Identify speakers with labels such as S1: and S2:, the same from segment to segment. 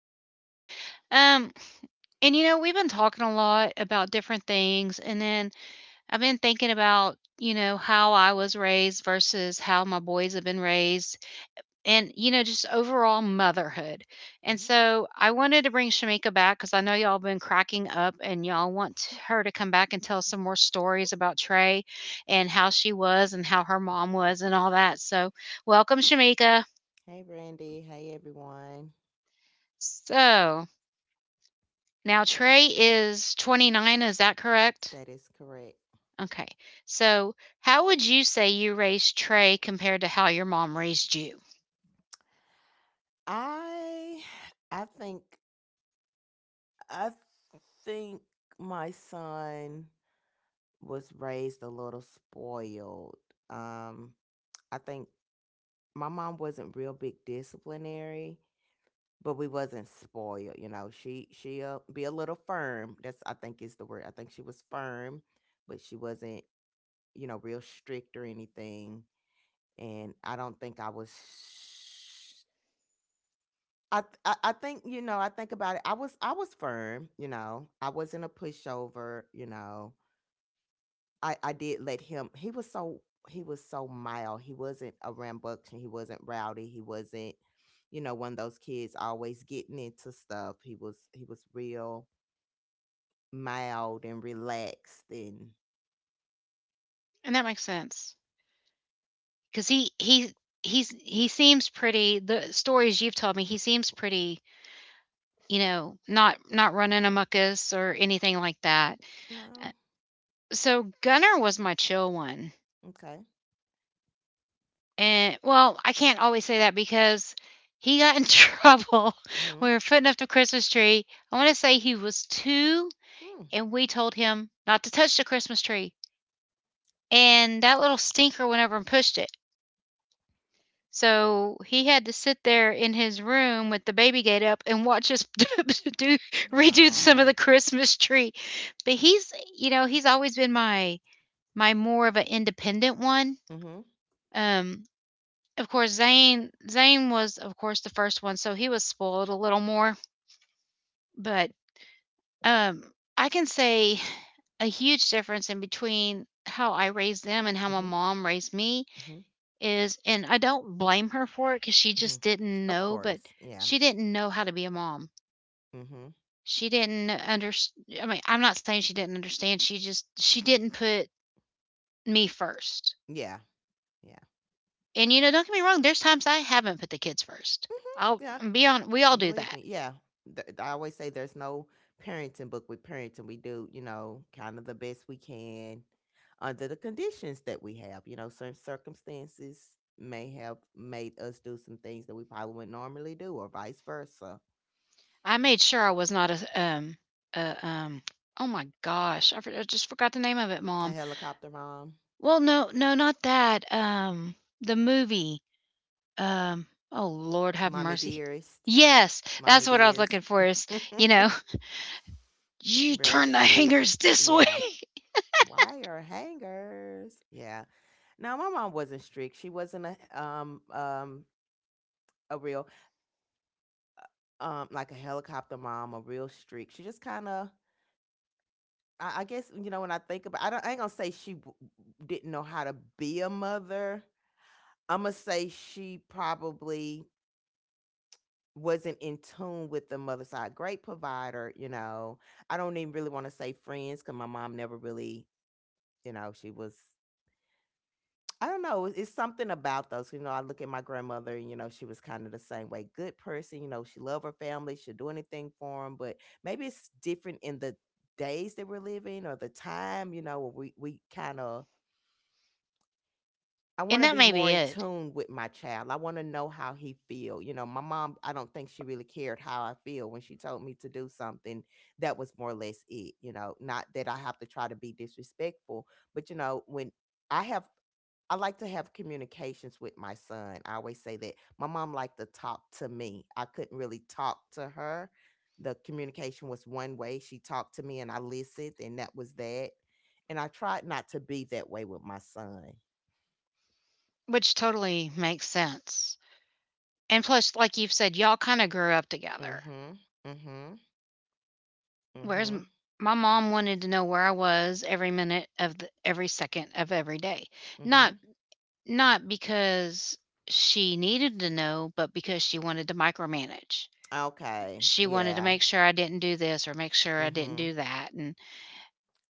S1: Brandy. Um, and you know, we've been talking a lot about different things, and then I've been thinking about, you know, how I was raised versus how my boys have been raised, and you know, just overall motherhood. And
S2: Mhm.
S1: so I wanted to bring Shamika back because I know y'all been cracking up and y'all want her to come back and tell some more stories about Trey and how she was and how her mom was and all that. So welcome, Shamika.
S2: Hey Brandy, hey everyone.
S1: So Now Trey is 29, is that correct?
S2: That is correct.
S1: Okay. So, how would you say you raised Trey compared to how your mom raised you?
S2: I I think I think my son was raised a little spoiled. Um I think my mom wasn't real big disciplinary, but we wasn't spoiled. You know, she'll be a little firm. That's I think is the word. I think she was firm, but she wasn't, you know, real strict or anything. And I don't think I was. I think, you know, I think about it. I was firm, you know. I wasn't a pushover, you know. I did let him. He was so mild. He wasn't a rambunctious. He wasn't rowdy. He wasn't, you know, one of those kids always getting into stuff. He was real mild and relaxed and.
S1: And that makes sense because he he seems pretty the stories you've told me, he seems pretty, you know, not running amuckus or anything like that. Uh,
S2: No.
S1: So Gunner was my chill one.
S2: Okay.
S1: And well, I can't always say that because he got in trouble.
S2: Mm-hmm.
S1: We were putting up the Christmas tree. I want to say he was 2,
S2: Hmm.
S1: and we told him not to touch the Christmas tree. And that little stinker went over and pushed it. So he had to sit there in his room with the baby gate up and watch us do redo some of
S2: Oh.
S1: the Christmas tree. But he's, you know, he's always been my more of an independent one.
S2: Mm-hmm.
S1: Um, of course, Zane was, of course, the first one, so he was spoiled a little more. But Um, I can say a huge difference in between how I raised them and how my
S2: Mm-hmm.
S1: mom raised me
S2: Mm-hmm.
S1: is, and I don't blame her for it because she
S2: Mm-hmm.
S1: just didn't
S2: Of
S1: know, but
S2: course. Yeah.
S1: she didn't know how to be a mom.
S2: Mm-hmm.
S1: She didn't understand — I mean, I'm not saying she didn't understand, she didn't put me first.
S2: Yeah. Yeah.
S1: And, you know, don't get me wrong, there's times I haven't put the kids first. I'll
S2: Mm-hmm. Yeah.
S1: be on we all do
S2: Believe
S1: that.
S2: me, yeah. I always say there's no parenting book with parenting. We do, you know, kind of the best we can under the conditions that we have. You know, certain circumstances may have made us do some things that we probably wouldn't normally do, or vice versa.
S1: I made sure I was not a, a, oh my gosh, I just forgot the name of it,
S2: A
S1: mom.
S2: helicopter mom.
S1: Well, no, no, not that, the movie, oh, Lord have
S2: Mommy
S1: mercy.
S2: dearest.
S1: Yes, that's
S2: Mommy
S1: what I was
S2: dearest.
S1: looking for is, you know, "You
S2: Real
S1: turn the
S2: strict.
S1: hangers this way!"
S2: Yeah. Wire hangers. Yeah. No, my mom wasn't strict. She wasn't a real, like a helicopter mom, a real streak. She just kind of, I guess, you know, when I think about, I don't, I ain't gonna say she didn't know how to be a mother. I'm gonna say she probably wasn't in tune with the mother side. Great provider, you know. I don't even really want to say friends because my mom never really, you know, she was, I don't know. It's something about those. You know, I look at my grandmother, and you know, she was kind of the same way. Good person. You know, she loved her family. She'd do anything for them. But maybe it's different in the days that we're living, or the time. You know, where we kind of. I want
S1: And
S2: to
S1: that
S2: be
S1: may
S2: more
S1: be
S2: in
S1: it,
S2: tune with my child. I want to know how he feel. You know, my mom, I don't think she really cared how I feel when she told me to do something. That was more or less it. You know, not that I have to try to be disrespectful, but you know, when I have I like to have communications with my son. I always say that my mom liked to talk to me. I couldn't really talk to her. The communication was one way. She talked to me and I listened, and that was that. And I tried not to be that way with my son.
S1: which totally makes sense, and plus, like you've said, y'all kinda grew up together,
S2: Mm-hmm. Mm-hmm.
S1: whereas m
S2: Mm-hmm.
S1: my mom wanted to know where I was every minute of the every second of every day. Not
S2: Mm-hmm.
S1: not because she needed to know, but because she wanted to micromanage.
S2: Okay.
S1: She wanted to
S2: Yeah.
S1: make sure I didn't do this or make sure I didn't
S2: Mm-hmm.
S1: do that. And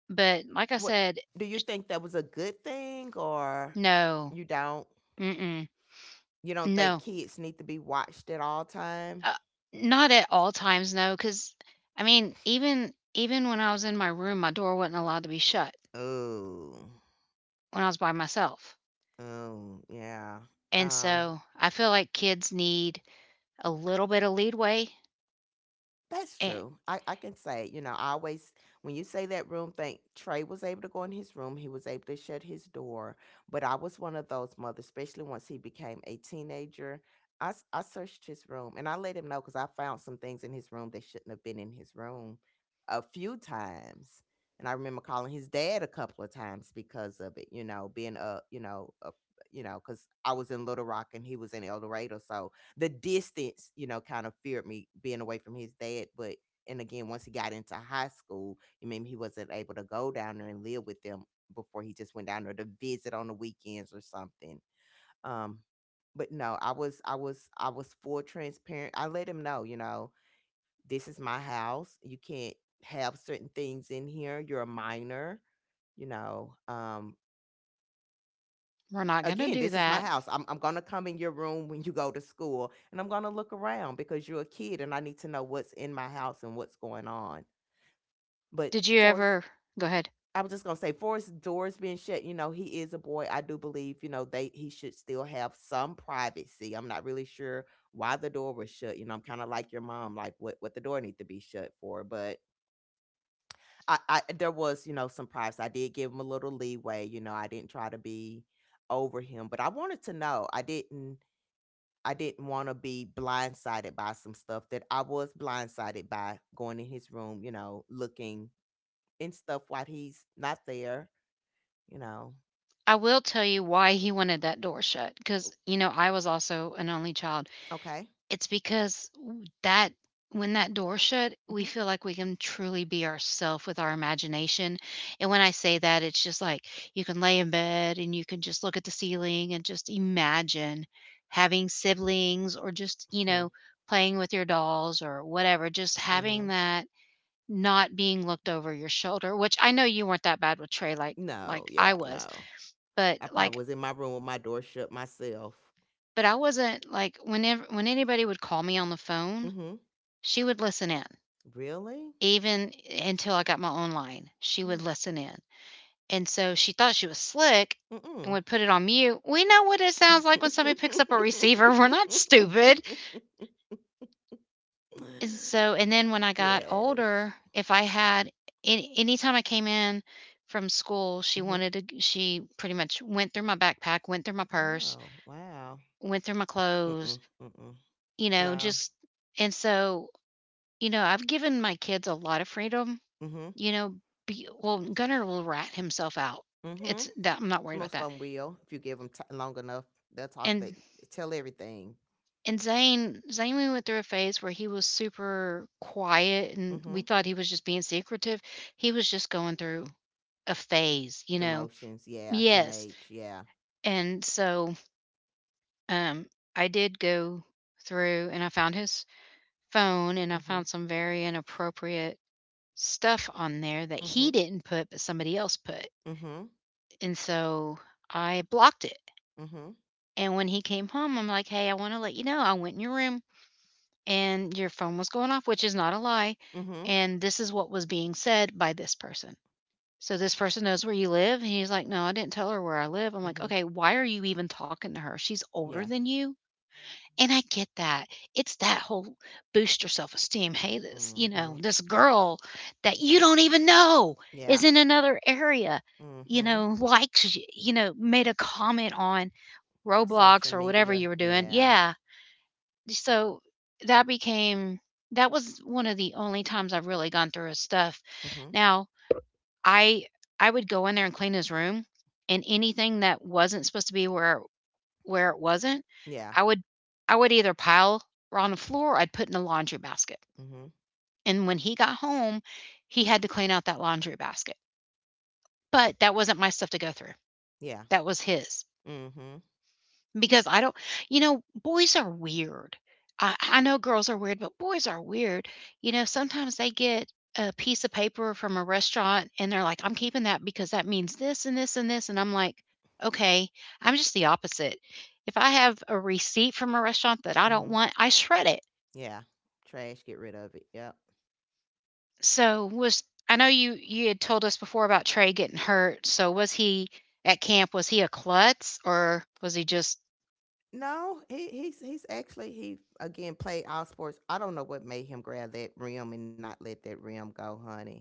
S1: but like I
S2: What
S1: said,
S2: do you think, that was a good thing, or
S1: no,
S2: you don't?
S1: mm-mm,
S2: You don't think
S1: no,
S2: kids need to be watched at all time?
S1: uh, not at all times, no, because I mean, even when I was in my room, my door wasn't allowed to be shut
S2: Oh.
S1: when I was by myself,
S2: Oh, yeah.
S1: and
S2: Um,
S1: so I feel like kids need a little bit of leadway,
S2: that's
S1: and
S2: true. I can say, you know, I always, when you say that room thing, Trey was able to go in his room. He was able to shut his door. But I was one of those mothers, especially once he became a teenager. I searched his room and I let him know because I found some things in his room that shouldn't have been in his room a few times. And I remember calling his dad a couple of times because of it, you know, being a, you know, because I was in Little Rock and he was in El Dorado. So, the distance, you know, kind of feared me being away from his dad. But and again, once he got into high school, I mean, he wasn't able to go down there and live with them before he just went down there to visit on the weekends or something. Um, but no, I was full transparent. I let him know, you know, this is my house. You can't have certain things in here. You're a minor, you know.
S1: we're not gonna
S2: Again,
S1: do
S2: this is my
S1: that.
S2: house. I'm going to come in your room when you go to school and I'm going to look around because you're a kid and I need to know what's in my house and what's going on. But
S1: Did you
S2: Forrest,
S1: ever go ahead?
S2: I was just going to say, Forrest, doors being shut, you know, he is a boy. I do believe, you know, they he should still have some privacy. I'm not really sure why the door was shut. You know, I'm kind of like your mom, like what the door need to be shut for. But I there was, you know, some privacy. I did give him a little leeway. You know, I didn't try to be over him, but I wanted to know. I didn't want to be blindsided by some stuff that I was blindsided by going in his room, you know, looking and stuff while he's not there, you know.
S1: I will tell you why he wanted that door shut because, you know, I was also an only child.
S2: Okay.
S1: It's because that when that door shut, we
S2: Mm-hmm.
S1: feel like we can truly be ourselves with our imagination, and when I say that, it's just like, you can lay in bed and you can just look at the ceiling and just imagine having siblings or just, you
S2: Mm-hmm.
S1: know, playing with your dolls or whatever, just
S2: Mm-hmm.
S1: having that not being looked over your shoulder, which I know you weren't that bad with Trey
S2: No,
S1: like
S2: yeah,
S1: I was,
S2: no.
S1: but,
S2: I probably
S1: like
S2: was in my room with my door shut myself.
S1: but I wasn't like, whenever when anybody would call me on the phone,
S2: Mm-hmm.
S1: she would listen in.
S2: Really?
S1: Even until I got my own line, she would
S2: Hmm.
S1: listen in. And so she thought she was slick and
S2: Mm-mm.
S1: would put it on mute. We know what it sounds like when somebody picks up a receiver. We're not stupid. And so, and then when I got
S2: Yes.
S1: older, if I had anytime I came in from school, she
S2: Mm-hmm.
S1: wanted to, she pretty much went through my backpack, went through my purse,
S2: Oh, wow.
S1: went through my clothes,
S2: Mm-mm. Mm-mm.
S1: you know,
S2: No.
S1: just, and so, you know, I've given my kids a lot of freedom.
S2: Mm-hmm.
S1: You know, be well, Gunner will rat himself out.
S2: Mhm.
S1: It's that — I'm not worried about
S2: Most
S1: that.
S2: of 'em will if you give 'em ti long enough. They'll talk, they
S1: And
S2: tell everything.
S1: Zane we went through a phase where he was super quiet and
S2: Mhm.
S1: we thought he was just being secretive. He was just going through a phase, you
S2: The
S1: know.
S2: motions, yeah,
S1: Yes.
S2: teenage, yeah.
S1: And so um I did go through and I found his phone and I found
S2: Mhm.
S1: some very inappropriate stuff on there that he
S2: Mhm.
S1: didn't put but somebody else put.
S2: Mhm.
S1: And so I blocked it.
S2: Mhm.
S1: And when he came home, I'm like, "Hey, I wanna let you know I went in your room and your phone was going off," which is not a lie,
S2: Mhm.
S1: "and this is what was being said by this person. So this person knows where you live?" And he's like, "No, I didn't tell her where I live." I'm like,
S2: Mhm.
S1: "Okay, why are you even talking to her? She's
S2: Yeah.
S1: older than you?" And I get that. It's that whole boost your self-esteem, "Hey, this you know,
S2: Mhm.
S1: this girl that you don't even know
S2: Yeah.
S1: is in another area, you
S2: Mhm.
S1: know, likes you," you know, made a comment on
S2: Social
S1: Roblox or whatever
S2: media,
S1: you were doing.
S2: yeah.
S1: Yeah. So that became that was one of the only times I've really gone through his stuff.
S2: Mhm.
S1: Now, I I would go in there and clean his room and anything that wasn't supposed to be where it wasn't,
S2: Yeah.
S1: I would I would either pile on the floor or I'd put in a laundry basket.
S2: Mhm.
S1: And when he got home, he had to clean out that laundry basket. But that wasn't my stuff to go through.
S2: Yeah.
S1: That was his.
S2: Mhm.
S1: Because I don't — you know, boys are weird. I know girls are weird, but boys are weird. You know, sometimes they get a piece of paper from a restaurant and they're like, "I'm keeping that because that means this and this and this." And I'm like, "Okay, I'm just the opposite." If I have a receipt from a restaurant that I
S2: Mhm.
S1: don't want, I shred it.
S2: Yeah. Trash, get rid of it, yep.
S1: So was — I know you you had told us before about Trey getting hurt. So was he at camp, was he a klutz or was he just
S2: No, he's actually, he again played all sports. I don't know what made him grab that rim and not let that rim go, honey.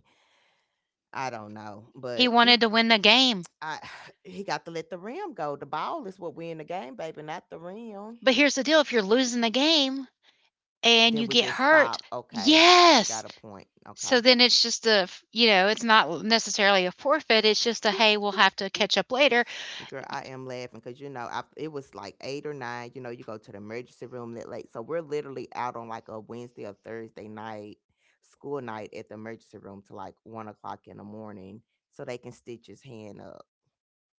S2: I don't know,
S1: he
S2: but n-
S1: wanted to win the game?
S2: I he got to let the rim go. The ball is what win the game, baby, not the rim.
S1: But here's the deal, if you're losing the game and
S2: Then
S1: you
S2: we
S1: get
S2: just
S1: hurt,
S2: stop. Okay, you
S1: yes.
S2: got a point. Okay.
S1: So then it's just a, you know, it's not necessarily a forfeit. It's just a, hey, we'll have to catch up later.
S2: Girl, I am laughing because you know, I it was like eight or nine. You know, you go to the emergency room that late, so we're literally out on like a Wednesday or Thursday night, school night at the emergency room to like 1 o'clock in the morning, so they can stitch his hand up.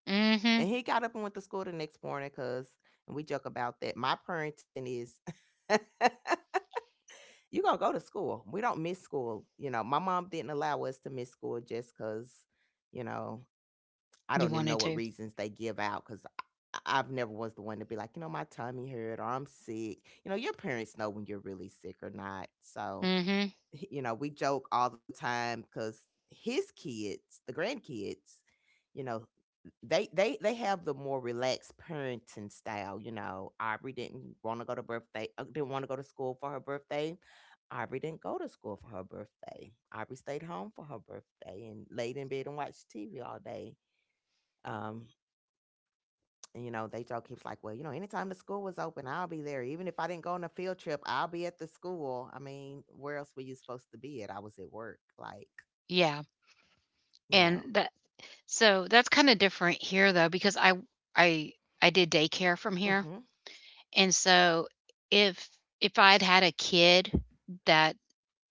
S1: Mm hmm.
S2: And he got up and went to school the next morning because, and we joke about that. My parenting is, you gonna go to school. We don't miss school. You know, my mom didn't allow us to miss school just because, you know, I
S1: You
S2: don't even know
S1: wanted
S2: what
S1: to.
S2: reasons they give out because I've never was the one to be like, "You know, my tummy hurt or I'm sick." You know, your parents know when you're really sick or not. So,
S1: Mm hmm.
S2: h you know, we joke all the time because his kids, the grandkids, you know, they have the more relaxed parenting style, you know, Aubrey didn't wanna go to birthday, didn't wanna go to school for her birthday. Aubrey didn't go to school for her birthday. Aubrey stayed home for her birthday and laid in bed and watched TV all day. Um, and, you know, they joke, he was like, well, you know, anytime the school was open, I'll be there. Even if I didn't go on a field trip, I'll be at the school. I mean, where else were you supposed to be at? I was at work. Like,
S1: Yeah.
S2: you know.
S1: And that, so that's kind of different here though, because I, I did daycare from here.
S2: Mm-hmm.
S1: And so if, if I had had a kid that —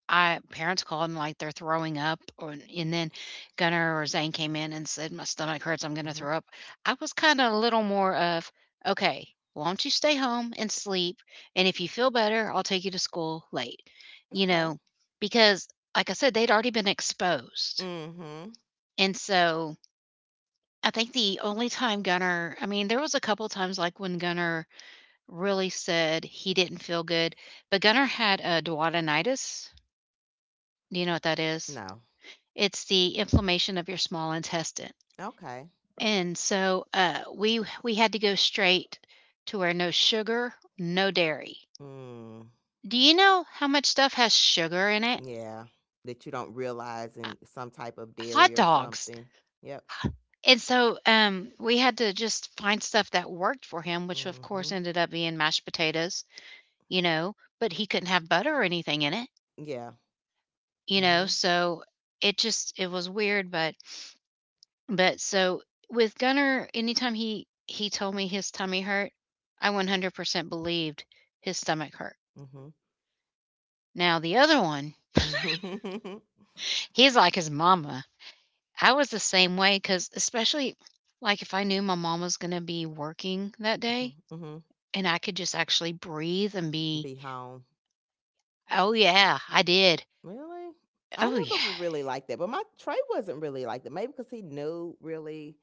S1: I parents called and like they're throwing up, or and then Gunnar or Zane came in and said, "My stomach hurts. I'm going to
S2: Mm-hmm.
S1: throw up." I was kind of a little more of, "Okay, why don't you stay home and sleep? And if you feel better, I'll take you to school late." You
S2: Okay.
S1: know, because like I said, they'd already been exposed,
S2: Mm-hmm.
S1: and so I think the only time Gunnar, I mean, there was a couple times like when Gunnar really said he didn't feel good, but Gunnar had a duodenitis. Do you know what that is?
S2: No.
S1: It's the inflammation of your small intestine.
S2: Okay.
S1: And so, we had to go straight to where no sugar, no dairy.
S2: Mm.
S1: Do you know how much stuff has sugar in it?
S2: Yeah. That you don't realize
S1: Uh,
S2: in some type of
S1: hot
S2: dairy or
S1: dogs.
S2: something. Yep.
S1: And so, we had to just find stuff that worked for him, which of
S2: Mm-hmm.
S1: course ended up being mashed potatoes, you know, but he couldn't have butter or anything in it,
S2: Yeah.
S1: you know,
S2: Mm-hmm.
S1: so it just it was weird, but But so with Gunner, anytime he told me his tummy hurt, I 100% believed his stomach hurt.
S2: Mm-hmm.
S1: Now the other one,
S2: Mm-hmm.
S1: he's like his mama. I was the same way because especially like if I knew my mom was gonna be working that day
S2: Mm-hmm.
S1: and I could just actually breathe and be,
S2: Be home.
S1: oh yeah, I did.
S2: Really? I
S1: Oh yeah.
S2: never would really like that, but my Trey wasn't really like that. Maybe because he knew really,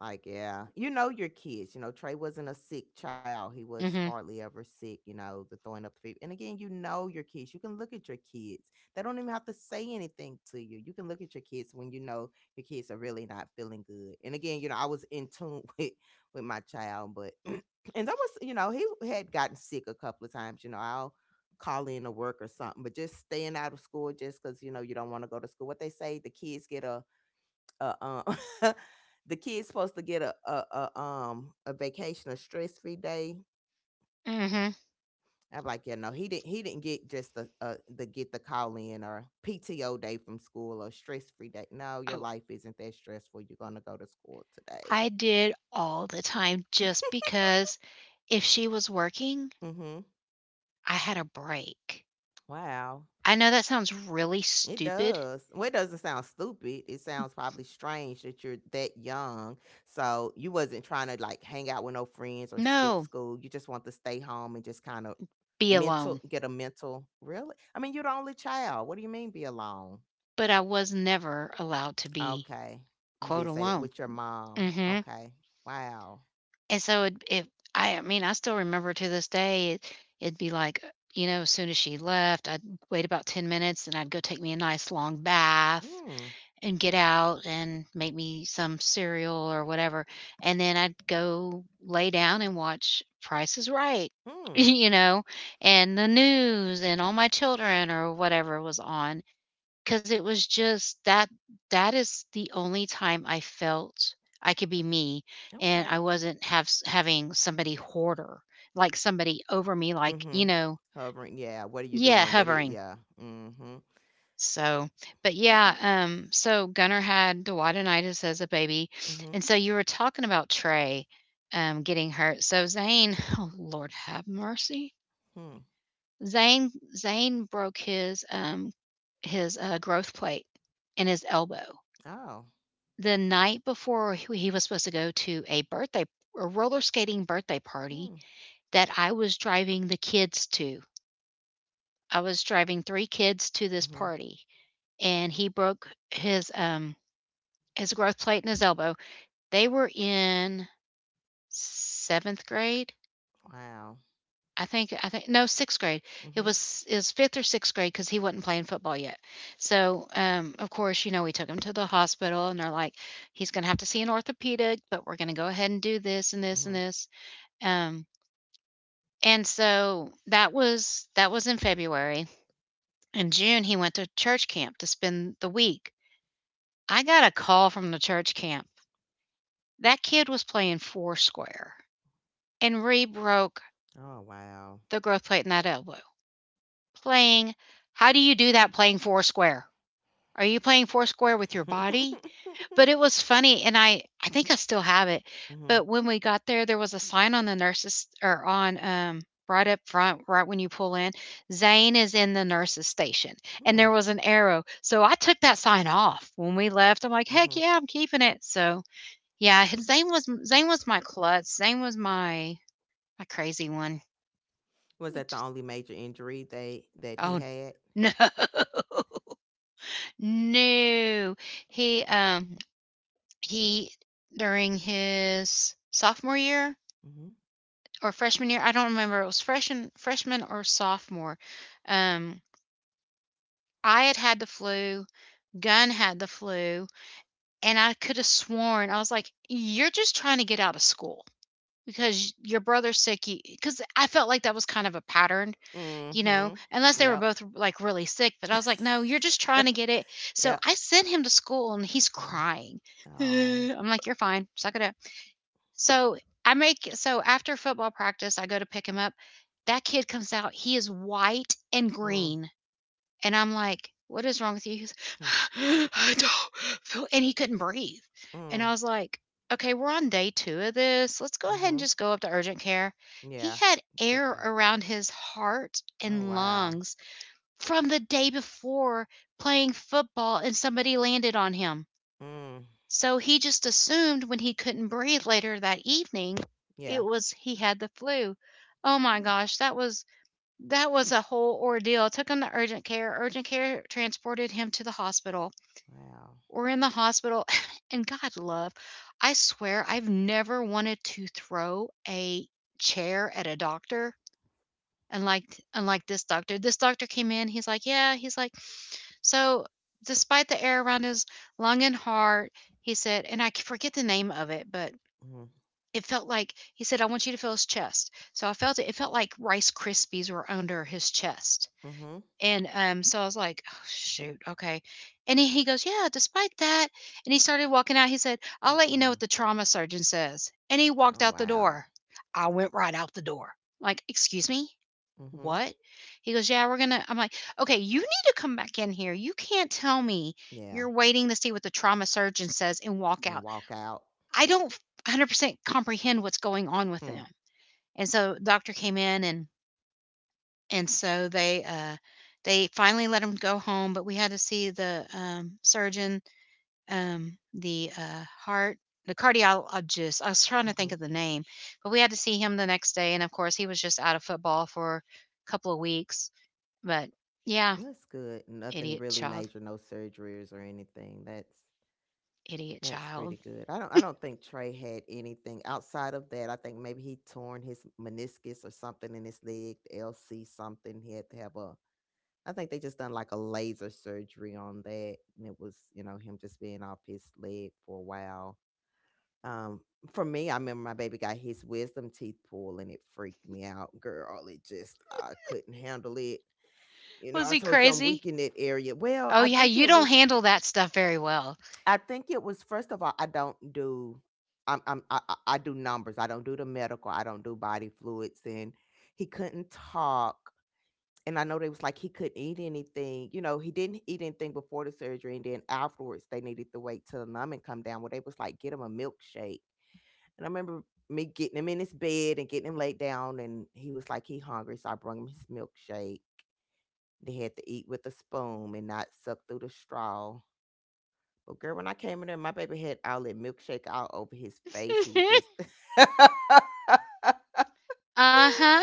S2: like, yeah, you know your kids. You know, Trey wasn't a sick child. He was
S1: Mhm.
S2: hardly ever sick. You know, the throwing up, the fever. And again, you know your kids. You can look at your kids. They don't even have to say anything to you. You can look at your kids when you know your kids are really not feeling good. And again, you know, I was in tune with my child, but and that was, you know, he had gotten sick a couple of times. You know, I'll call in to work or something, but just staying out of school just because you know you don't want to go to school. What they say, the kids get a the kids supposed to get a vacation, a stress free day.
S1: Mhm.
S2: I'm like, yeah, no, he didn't. He didn't get just the call in or PTO day from school or stress free day. No, your
S1: Oh,
S2: life isn't that stressful. You're gonna go to school today.
S1: I did all the time just because if she was working,
S2: Mm-hmm.
S1: I had a break.
S2: Wow.
S1: I know that sounds really
S2: It
S1: stupid.
S2: does. Well, it doesn't sound stupid. It sounds probably strange that you're that young. So you wasn't trying to like hang out with no friends or skip
S1: No,
S2: school. You just want to stay home and just kind of
S1: be
S2: mental
S1: alone.
S2: get a mental really. I mean, you're the only child. What do you mean be alone?
S1: But I was never allowed to be
S2: Okay. You
S1: quote
S2: did say that
S1: alone.
S2: with your mom.
S1: Hmm.
S2: Okay. Wow.
S1: And so I mean, I still remember to this day, it'd be like, you know, as soon as she left, I'd wait about 10 minutes and I'd go take me a nice long bath
S2: Mm.
S1: and get out and make me some cereal or whatever. And then I'd go lay down and watch Price is Right,
S2: Hmm.
S1: you know, and the news and All My Children or whatever was on. Cause it was just that. That is the only time I felt I could be me, and
S2: Okay.
S1: I wasn't have having somebody hoarder, like somebody over me, like,
S2: Mm-hmm. Hovering. Yeah. What are you
S1: yeah,
S2: doing? What are you
S1: hovering.
S2: Yeah. Mm-hmm.
S1: So, but
S2: Okay.
S1: yeah, so Gunnar had duodenitis as a baby,
S2: Mm-hmm.
S1: and so you were talking about Trey getting hurt. So Zane, oh Lord have mercy,
S2: Hmm.
S1: Zane broke his growth plate in his elbow
S2: Oh.
S1: the night before he was supposed to go to a roller skating birthday party
S2: Hmm.
S1: that I was driving the kids to. I was driving three kids to this
S2: Mm-hmm.
S1: party, and he broke his growth plate and his elbow. They were in 7th grade,
S2: Wow.
S1: I think no, 6th grade. It
S2: Mhm.
S1: was it was 5th or 6th grade because he wasn't playing football yet. So, of course, we took him to the hospital, and they're like, "He's gonna have to see an orthopedic, but we're gonna go ahead and do this and this and
S2: Mhm.
S1: this." Um, and so that was in February. In June, he went to church camp to spend the week. I got a call from the church camp. That kid was playing Foursquare and re-broke
S2: Oh, wow.
S1: the growth plate in that elbow. Playing, how do you do that playing four square? Are you playing four square with your body? But it was funny, and I think I still have it.
S2: Mhm.
S1: But when we got there, there was a sign on the nurses, or on right up front right when you pull in, "Zane is in the nurses station." And
S2: Mm.
S1: there was an arrow. So I took that sign off when we left. I'm like,
S2: Mhm.
S1: "Heck yeah, I'm keeping it." So, yeah, Zane was my klutz. Zane was my crazy one.
S2: Was that
S1: It
S2: the
S1: just,
S2: only major injury they that he
S1: oh,
S2: had?
S1: no. No. He, um, he during his sophomore year
S2: Mhm.
S1: or freshman year, I don't remember, it was freshman or sophomore. Um, I had had the flu, Gunn had the flu, and I could have sworn. I was like, "You're just trying to get out of school because your brother's sick." Because I felt like that was kind of a pattern,
S2: Mhm.
S1: unless they were
S2: Yep.
S1: both like really sick. But I was like, no, you're just trying to get it. So
S2: Yep.
S1: I sent him to school, and he's
S2: Mhm.
S1: crying.
S2: Oh.
S1: I'm like, you're fine. Suck it up. So so after football practice, I go to pick him up. That kid comes out. He is white and
S2: Mhm.
S1: green. And I'm like, what is wrong with you? He's, I don't feel, and he couldn't breathe. And
S2: Mm.
S1: I was like, okay, we're on day two of this. Let's go ahead and
S2: Mhm.
S1: just go up to urgent care. He
S2: Yeah.
S1: had
S2: Checked
S1: air
S2: out.
S1: around his heart
S2: Oh,
S1: and
S2: wow.
S1: lungs from the day before, playing football, and somebody landed on him.
S2: Mm.
S1: So he just assumed when he couldn't breathe later that evening, it
S2: Yeah.
S1: was he had the flu. Oh my
S2: Hmm.
S1: gosh, that was a whole ordeal. Took him to urgent care. Urgent care transported him to the hospital.
S2: Wow.
S1: We're in the hospital and God love, I swear I've never wanted to throw a chair at a doctor. Unlike this doctor. This doctor came in, he's like, "Yeah," he's like, "so, despite the air around us long and hard," he said, and I forget the name of it, but
S2: Mhm.
S1: it felt like, he said, I want you to feel his chest. So I felt it. It felt like Rice Krispies were under his chest.
S2: Mhm.
S1: And so I was like, oh, shoot, okay. And he goes, "Yeah, despite that." And he started walking out. He said, "I'll let you know what
S2: Mm-mm.
S1: the trauma surgeon says." And he walked
S2: Oh,
S1: out the
S2: wow.
S1: door. I went right out the door. Like, excuse me?
S2: Mhm.
S1: What? He goes, "Yeah, we're going to." I'm like, okay, you need to come back in here. You can't tell me
S2: Yeah.
S1: you're waiting to see what the trauma surgeon says and walk
S2: And
S1: out.
S2: walk out.
S1: I don't 100% comprehend what's going on with
S2: Hmm.
S1: them. And so doctor came in, and so they finally let him go home, but we had to see the surgeon, the heart, the cardiologist. I was trying to think of
S2: Mhm.
S1: the name, but we had to see him the next day. And of course, he was just out of football for a couple of weeks, but yeah,
S2: Well, that's good. Nothing
S1: idiot
S2: really
S1: child,
S2: major, no surgeries or anything. That's
S1: idiot
S2: that's
S1: child.
S2: pretty good. I don't think Trey had anything outside of that. I think maybe he torn his meniscus or something in his leg, the LC something. He had to have a I think they just done like a laser surgery on that, and it was him just being off his leg for a while. Um for me, I remember my baby got his wisdom teeth pulled, and it freaked me out. Girl, it just I couldn't handle it.
S1: Was
S2: I
S1: he
S2: told you I'm
S1: crazy?
S2: weak in that area.
S1: Oh yeah, you don't handle that stuff very well.
S2: I think it was. First of all, I don't do. I do numbers. I don't do the medical. I don't do body fluids. And he couldn't talk. And I know they was like he couldn't eat anything. He didn't eat anything before the surgery, and then afterwards they needed to wait till the numbing come down. Where they was like, get him a milkshake. And I remember me getting him in his bed and getting him laid down, and he was like he hungry, so I brought him his milkshake. They had to eat with a spoon and not suck through the straw. But girl, when I came in there, my baby had all that milkshake all over his face. He was just
S1: Uh huh.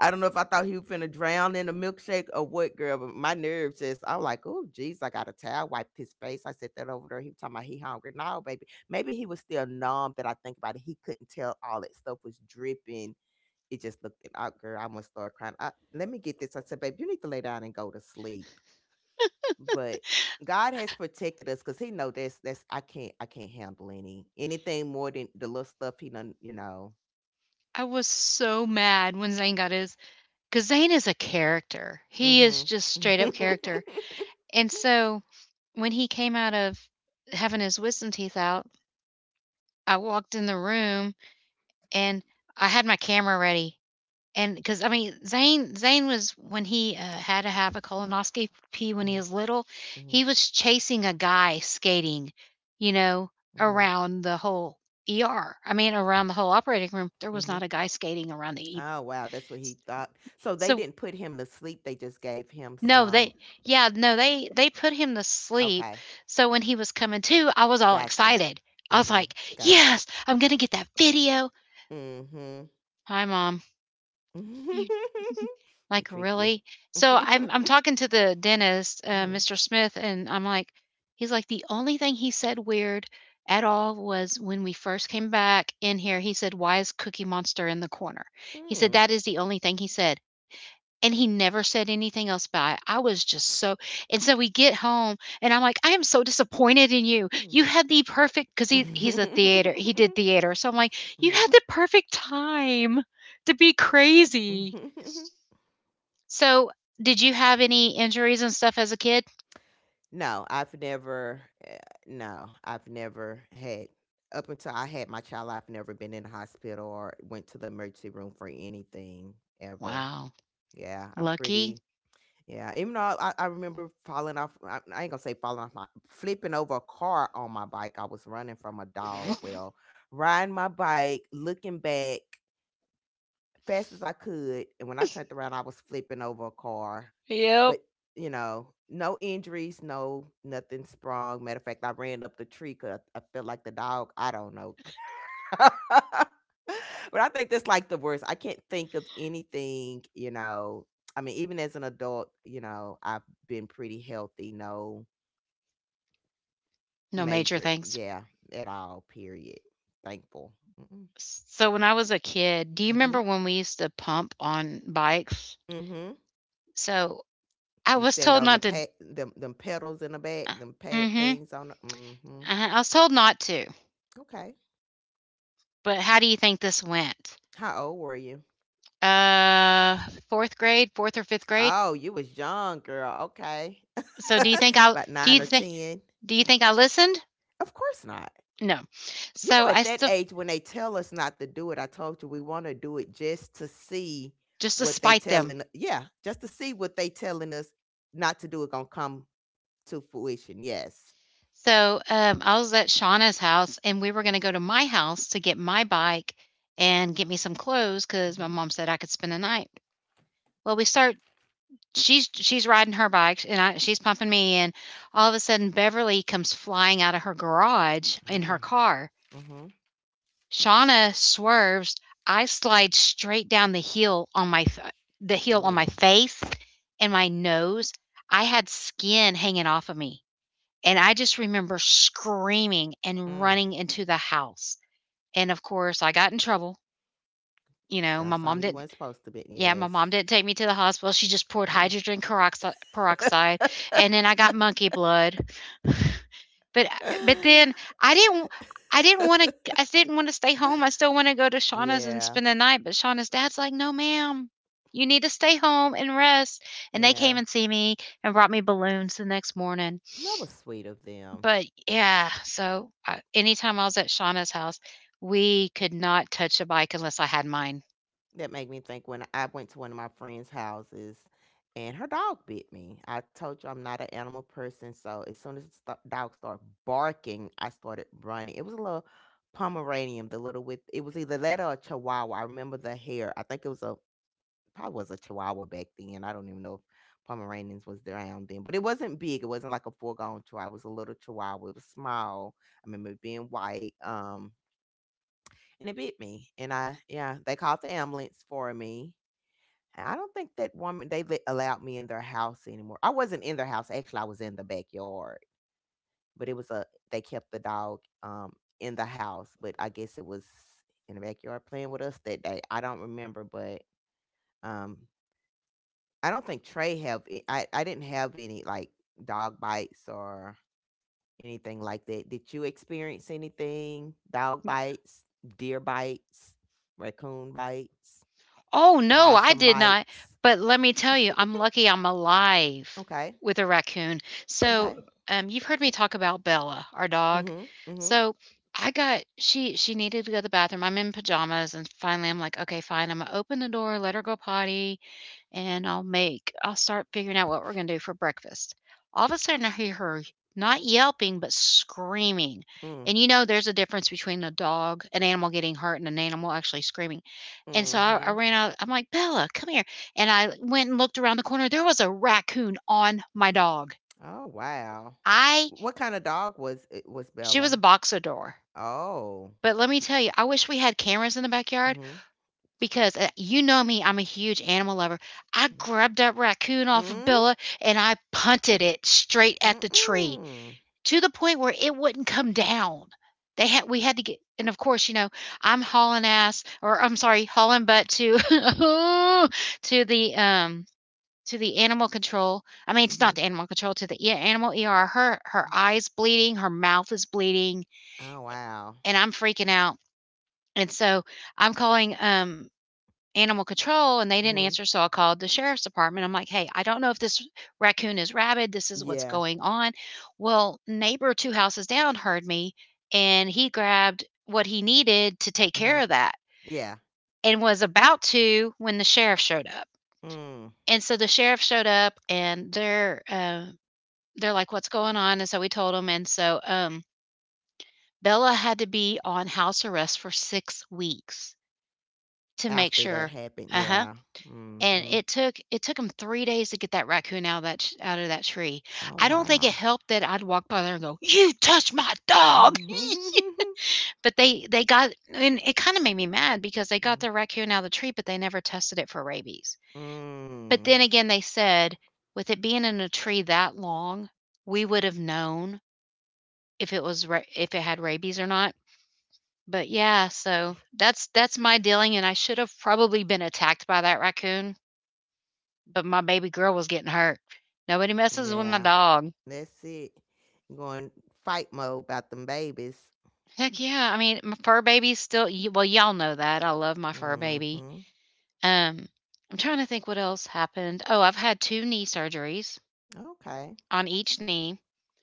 S2: I don't know if I thought he was finna drown in a milkshake or what, girl, but my nerves just I'm like, oh geez, I got a towel, wiped his face. I said that over there. He was talking about he hungry. No, baby. Maybe he was still numb that I think about it. He couldn't tell all that stuff was dripping. It just looked it out, girl. I almost started crying. Let me get this. I said, babe, you need to lay down and go to sleep. But God has protected us because He know that's I can't handle anything more than the little stuff He done.
S1: I was so mad when Zane got his, because Zane is a character. He is
S2: Mm-hmm.
S1: just straight up character.
S2: Mm-hmm.
S1: And so when he came out of having his wisdom teeth out, I walked in the room and I had my camera ready. And because I mean, Zane was, when he, had to have a colonoscopy when he was little, he was chasing a guy skating, you know,
S2: Mm-hmm.
S1: around the whole ER. I mean, around the whole operating room, there was
S2: Mm-hmm.
S1: not a guy skating around the E
S2: Oh wow, that's what
S1: s
S2: he thought. So they
S1: so,
S2: didn't put him to sleep. They just gave him
S1: no,
S2: some.
S1: they, yeah, no, they put him to sleep,
S2: Okay,
S1: so when he was coming to, I was all
S2: gotcha.
S1: excited. I was
S2: Mm-hmm.
S1: like,
S2: Gotcha.
S1: "Yes, I'm gonna get that video."
S2: Mm-hmm.
S1: "Hi, mom." "You,
S2: He
S1: like,
S2: trick you.
S1: really?" So I'm I'm talking to the dentist,
S2: Mm-hmm.
S1: Mr. Smith, and I'm like, he's like, the only thing he said weird at all was when we first came back in here, he said, "Why is Cookie Monster in the corner?" He said, that is the only thing he said. And he never said anything else about it. I was just so, and so we get home and I'm like, I am so disappointed in you. You had the perfect, because he's a theater, he
S2: Mm-hmm.
S1: did theater. So I'm like, you had the perfect time to be crazy.
S2: Mm-hmm.
S1: So, did you have any injuries and stuff as a kid?
S2: No, I've never eh, no, I've never had up until I had my child, I've never been in the hospital or went to the emergency room for anything ever.
S1: Wow,
S2: Yeah, I'm
S1: lucky.
S2: pretty yeah, even though I remember falling off, I ain't gonna say falling off my flipping over a car on my bike. I was running from a dog. Well, riding my bike, looking back, fast as I could, and when I turned around, I was flipping over a car.
S1: Yep.
S2: But no injuries, no nothing sprung. Matter of fact, I ran up the tree because I felt like the dog. I don't know. But I think that's like the worst. I can't think of anything. I mean, even as an adult, I've been pretty healthy. No
S1: No major
S2: major,
S1: things.
S2: yeah, at all. Period. Thankful. Mm-hmm.
S1: So when I was a kid, do you remember when we used to pump on bikes?
S2: Mm-hmm.
S1: So I
S2: You
S1: was
S2: stand
S1: told
S2: on the
S1: not to.
S2: pa them pedals in the back,
S1: Uh,
S2: them pad
S1: mm-hmm.
S2: things on the.
S1: I was told not to.
S2: Okay.
S1: But how do you think this went?
S2: How old were you?
S1: Uh, Fourth grade, fourth or fifth grade.
S2: Oh, you was young, girl. Okay.
S1: So do you think I?
S2: About
S1: Do
S2: 9
S1: you
S2: or
S1: think?
S2: 10?
S1: Do you think I listened?
S2: Of course not.
S1: No.
S2: You
S1: So
S2: know,
S1: I
S2: at that
S1: still,
S2: age, when they tell us not to do it, I told you we want to do it just to see
S1: just to
S2: what they
S1: spite them.
S2: telling. Yeah, just to see what they telling us not to do it gonna come to fruition. Yes.
S1: So, I was at Shauna's house, and we were gonna go to my house to get my bike and get me some clothes 'cause my
S2: Hmm.
S1: mom said I could spend the night. Well, we start she's riding her bike, and I she's pumping me in. All of a sudden, Beverly comes flying out of her garage in her
S2: Oh.
S1: car.
S2: Hmm.
S1: Shauna swerves. I slide straight down the heel on my
S2: Oh.
S1: face and my nose. I had skin hanging off of me. And I just remember screaming and
S2: Mm.
S1: running into the house. And of course, I got in trouble. You know,
S2: Done
S1: my mom
S2: something you
S1: didn't,
S2: weren't supposed to be.
S1: yeah, my
S2: Yes.
S1: mom didn't take me to the hospital. She just poured
S2: Oh.
S1: hydrogen peroxide, and then I got monkey blood. But then I didn't, I didn't want to, I didn't want to stay home. I still want to go to Shauna's and
S2: Yeah,
S1: spend the night. But Shauna's dad's like, "No, ma'am, you need to stay home and rest." And they
S2: yeah.
S1: came and see me and brought me balloons the next morning.
S2: That was sweet of them.
S1: But yeah, so I anytime I was at Shauna's house, we could not touch a bike unless I had mine.
S2: That made me think when I went to one of my friends' houses and her dog bit me. I told you I'm not an animal person, so as soon as the dog started barking, I started running. It was a little Pomeranian, the little with it was either that or a Chihuahua. I remember the hair. I think it was a Probably was a Chihuahua back then. I don't even know if Pomeranians was around then, but it wasn't big. It wasn't like a full-grown Chihuahua. It was a little Chihuahua. It was small. I remember it being white. And it bit me, and I yeah, they called the ambulance for me. And I don't think that woman allowed me in their house anymore. I wasn't in their house. Actually, I was in the backyard, but it was a they kept the dog in the house, but I guess it was in the backyard playing with us that day. I don't remember, but um I don't think Trey have it I didn't have any, like, dog bites or anything like that. Did you experience anything? Dog bites, deer bites, raccoon bites,
S1: Oh, no, I
S2: possum
S1: did not,
S2: bites?
S1: but let me tell you, I'm lucky I'm alive
S2: Okay,
S1: with a raccoon.
S2: okay.
S1: So, you've heard me talk about Bella, our dog.
S2: Mhm, mhm,
S1: So, I got she needed to go to the bathroom. I'm in pajamas, and finally I'm like, "Okay, fine." Imma open the door, let her go potty, and I'll start figuring out what we're gonna do for breakfast. All of a sudden I hear her, not yelping but screaming.
S2: mm,
S1: And you know there's a difference between a dog, an animal getting hurt and an animal actually screaming. And so I
S2: mhm.
S1: ran out, I'm like, "Bella, come here." And I went and looked around the corner. There was a raccoon on my dog.
S2: Oh, wow.
S1: I
S2: What kinda dog was
S1: She was
S2: Bella?
S1: a boxador.
S2: Oh.
S1: But let me tell you, I wish we had cameras in the backyard.
S2: Mhm,
S1: Because, you know me, I'm a huge animal lover. I
S2: mhm.
S1: grabbed that raccoon off of
S2: Mm?
S1: Billa and I punted it straight at the tree,
S2: Mm-mm.
S1: to the point where it wouldn't come down. They had We had to get, and of course, I'm hauling ass, or I'm sorry, hauling butt, to to the um to the animal control. I mean, it's not
S2: Mhm,
S1: the animal control to the, yeah, animal ER. Her
S2: mhm.
S1: eyes bleeding, her mouth is bleeding,
S2: Oh, wow.
S1: and I'm freaking out. And so I'm calling animal control and they didn't
S2: Mhm.
S1: answer, so I called the sheriff's department. I'm like, "Hey, I don't know if this raccoon is rabid, this is what's
S2: Yeah.
S1: going on." Well, neighbor two houses down heard me and he grabbed what he needed to take
S2: Mhm.
S1: care of that
S2: Yeah.
S1: and was about to when the sheriff showed up.
S2: Mm,
S1: And so the sheriff showed up and they're like, "What's going on?" And so we told them, and so Bella had to be on house arrest for 6 weeks to make
S2: after that
S1: sure.
S2: happened,
S1: Uh-huh.
S2: yeah.
S1: And
S2: Mhm.
S1: it took 'em 3 days to get that raccoon out of that ch out of that tree.
S2: Oh,
S1: I don't think
S2: wow.
S1: it helped that I'd walk by there and go, "You touched my dog!" But they got, and it kinda made me mad because they got
S2: Mm.
S1: their raccoon out of the tree, but they never tested it for rabies. But
S2: Mm.
S1: then again, they said, "With it being in a tree that long, we would have known if it was ra if it had rabies or not." But yeah, so that's my dealing, and I should have probably been attacked by that raccoon, but my baby girl was getting hurt. Nobody messes with my
S2: Yeah,
S1: dog.
S2: that's it. Going fight mode about them babies.
S1: Heck yeah. I mean, my fur baby's still, well, y'all know that. I love my fur baby.
S2: Mhm.
S1: Um, I'm trying to think what else happened. Oh, I've had two knee surgeries
S2: Okay.
S1: on each knee.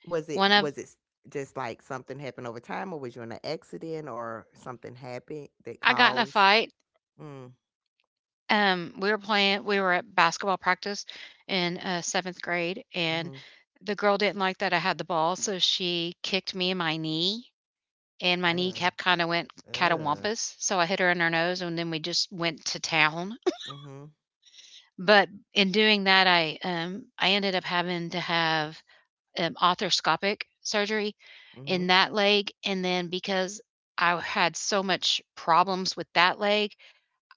S2: Was it
S1: One of,
S2: was it s- just like something happened over time, or was you in an accident or something happened that
S1: I got in a
S2: caused
S1: fight.
S2: Mm.
S1: We we were at basketball practice in seventh grade, and
S2: Mhm.
S1: the girl didn't like that I had the ball, so she kicked me in my knee and my
S2: Uh.
S1: kneecap kinda went
S2: Uh.
S1: catawampus, so I hit her in her nose, and then we just went to town.
S2: Mhm.
S1: But in doing that, I ended up having to have, arthroscopic surgery
S2: Mhm.
S1: in that leg, and then because I had so much problems with that leg,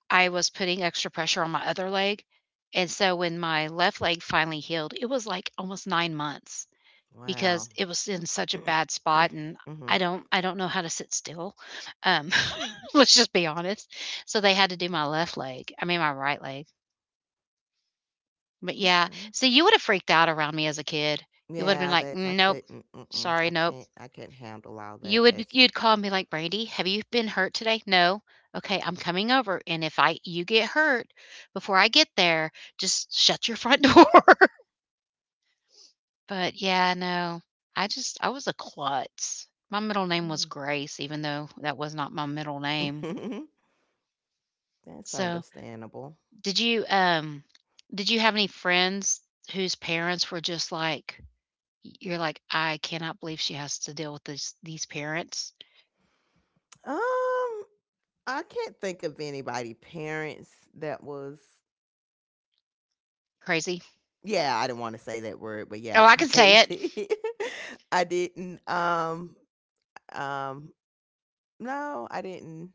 S1: I was putting extra pressure on my other leg, and so when my left leg finally healed, it was, like, almost 9 months
S2: Wow.
S1: because it was in such a bad spot. And I
S2: Mhm.
S1: don't I don't know how to sit still. Um, let's just be honest. So they had to do my left leg. I mean my right leg. But yeah,
S2: Okay.
S1: see, you would have freaked out around me as a kid. You would have been
S2: Yeah,
S1: like,
S2: that's
S1: "Mm,
S2: I
S1: nope.
S2: couldn't, mm-mm,
S1: Sorry,
S2: I
S1: nope."
S2: can't I can't handle all that. That's
S1: You'd call me like, "Brandy, have you been hurt today?" "No." "Okay, I'm coming over, and if I you get hurt before I get there, just shut your front door." But yeah, no, I was a klutz. My middle name was
S2: mm.
S1: Grace, even though that was not my middle name.
S2: That's
S1: So,
S2: understandable.
S1: did you um did you have any friends whose parents were just like, you're like, I cannot believe she has to deal with these parents?
S2: Um, I can't think of anybody parents that was.
S1: Crazy.
S2: Yeah, I didn't want to say that word, but
S1: Oh,
S2: yeah,
S1: I can say it.
S2: crazy. I didn't. Um No, I didn't.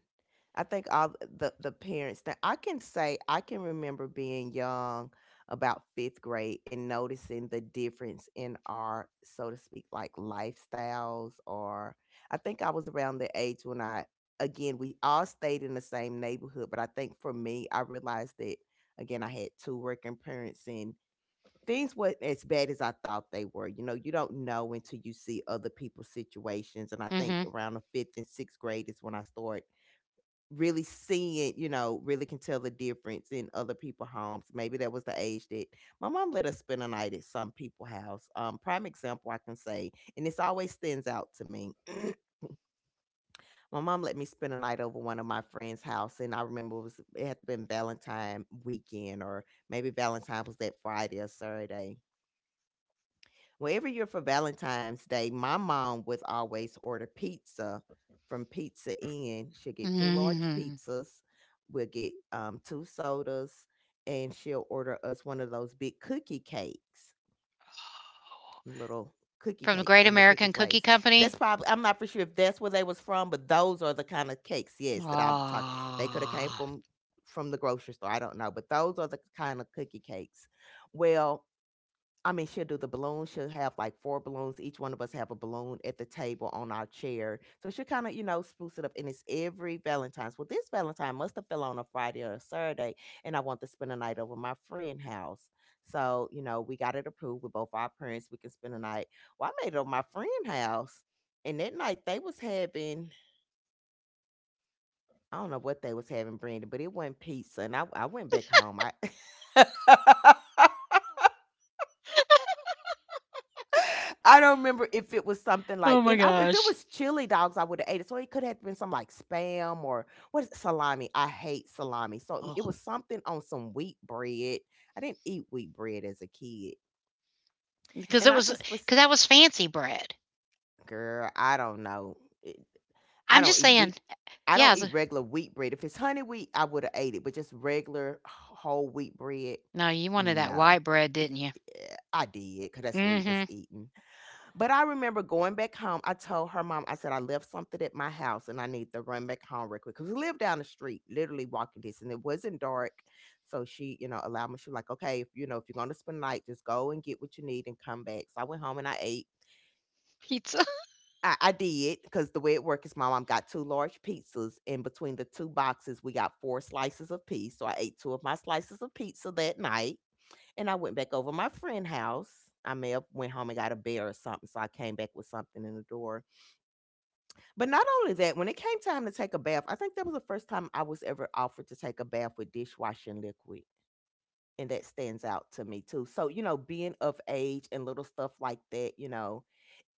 S2: I think all the parents that I can say I can remember being young about 5th grade and noticing the difference in our so to speak like lifestyles, or I think I was around the age when I, again, we all stayed in the same neighborhood, but I think for me, I realized that, again, I had two working parents, and things weren't as bad as I thought they were. You know, you don't know until you see other people's situations. And I think
S1: Mhm.
S2: around the fifth and sixth grade is when I start really seeing, really can tell the difference in other people's homes. Maybe that was the age that my mom let us spend a night at some people's house. Prime example I can say, and this always stands out to me. My mom let me spend a night over one of my friends' house, and I remember it had to been Valentine weekend, or maybe Valentine was that Friday or Saturday. Well, every year for Valentine's Day, my mom would always order pizza from Pizza Inn. She'll get two large
S1: Mhm.
S2: pizzas, we'll get two sodas, and she'll order us one of those big cookie cakes, little cookie
S1: From the
S2: cakes
S1: Great
S2: from the cookie
S1: American Cookie
S2: place. That's
S1: Company.
S2: probably I'm not for sure if that's where they was from, but those are the kind of cakes, yes, that I'm talking. They could have came
S1: Ah.
S2: from the grocery store. I don't know, but those are the kind of cookie cakes. Well, I mean, she'll do the balloons. She'll have like four balloons. Each one of us have a balloon at the table on our chair. So she'll kind of, spruce it up. And it's every Valentine's. Well, this Valentine must have fell on a Friday or a Saturday. And I want to spend a night over my friend's house. So, we got it approved with both our parents. We can spend a night. Well, I made it over my friend's house. And that night they was having, I don't know what they was having, Brandon, but it wasn't pizza. And I went back home. I I don't remember if it was something
S1: Oh
S2: like,
S1: my
S2: and I, if it
S1: gosh.
S2: was chili dogs, I would have ate it. So it could have been some like spam or what is it, salami? I hate salami. So it was something on some wheat bread. I didn't eat wheat bread as a kid,
S1: Because
S2: and
S1: it
S2: I
S1: was
S2: can spec
S1: because that was fancy bread.
S2: girl, I don't know. It- I
S1: I'm
S2: don't
S1: just
S2: eat
S1: saying.
S2: wheat. I
S1: Yeah,
S2: don't
S1: it's
S2: eat
S1: a
S2: regular wheat bread. If it's honey wheat, I would have ate it, but just regular whole wheat bread,
S1: no, you wanted that
S2: no.
S1: white bread,
S2: It-
S1: didn't you?
S2: I did because
S1: Mm.
S2: that's what we was
S1: Mhm.
S2: eating. But I remember going back home. I told her mom, I said, I left something at my house and I need to run back home real quick. Because we lived down the street, literally walking distance. It wasn't dark. So she, you know, allowed me. She was like, okay, if you know, if you're going to spend the night, just go and get what you need and come back. So I went home and I ate.
S1: Pizza.
S2: I did because the way it worked is my mom got two large pizzas. And between the two boxes, we got four slices of pizza. So I ate two of my slices of pizza that night. And I went back over to my friend's house. I may have went home and got a bear or something. So I came back with something in the door. But not only that, when it came time to take a bath, I think that was the first time I was ever offered to take a bath with dishwashing liquid. And that stands out to me too. So, you know, being of age and little stuff like that, you know,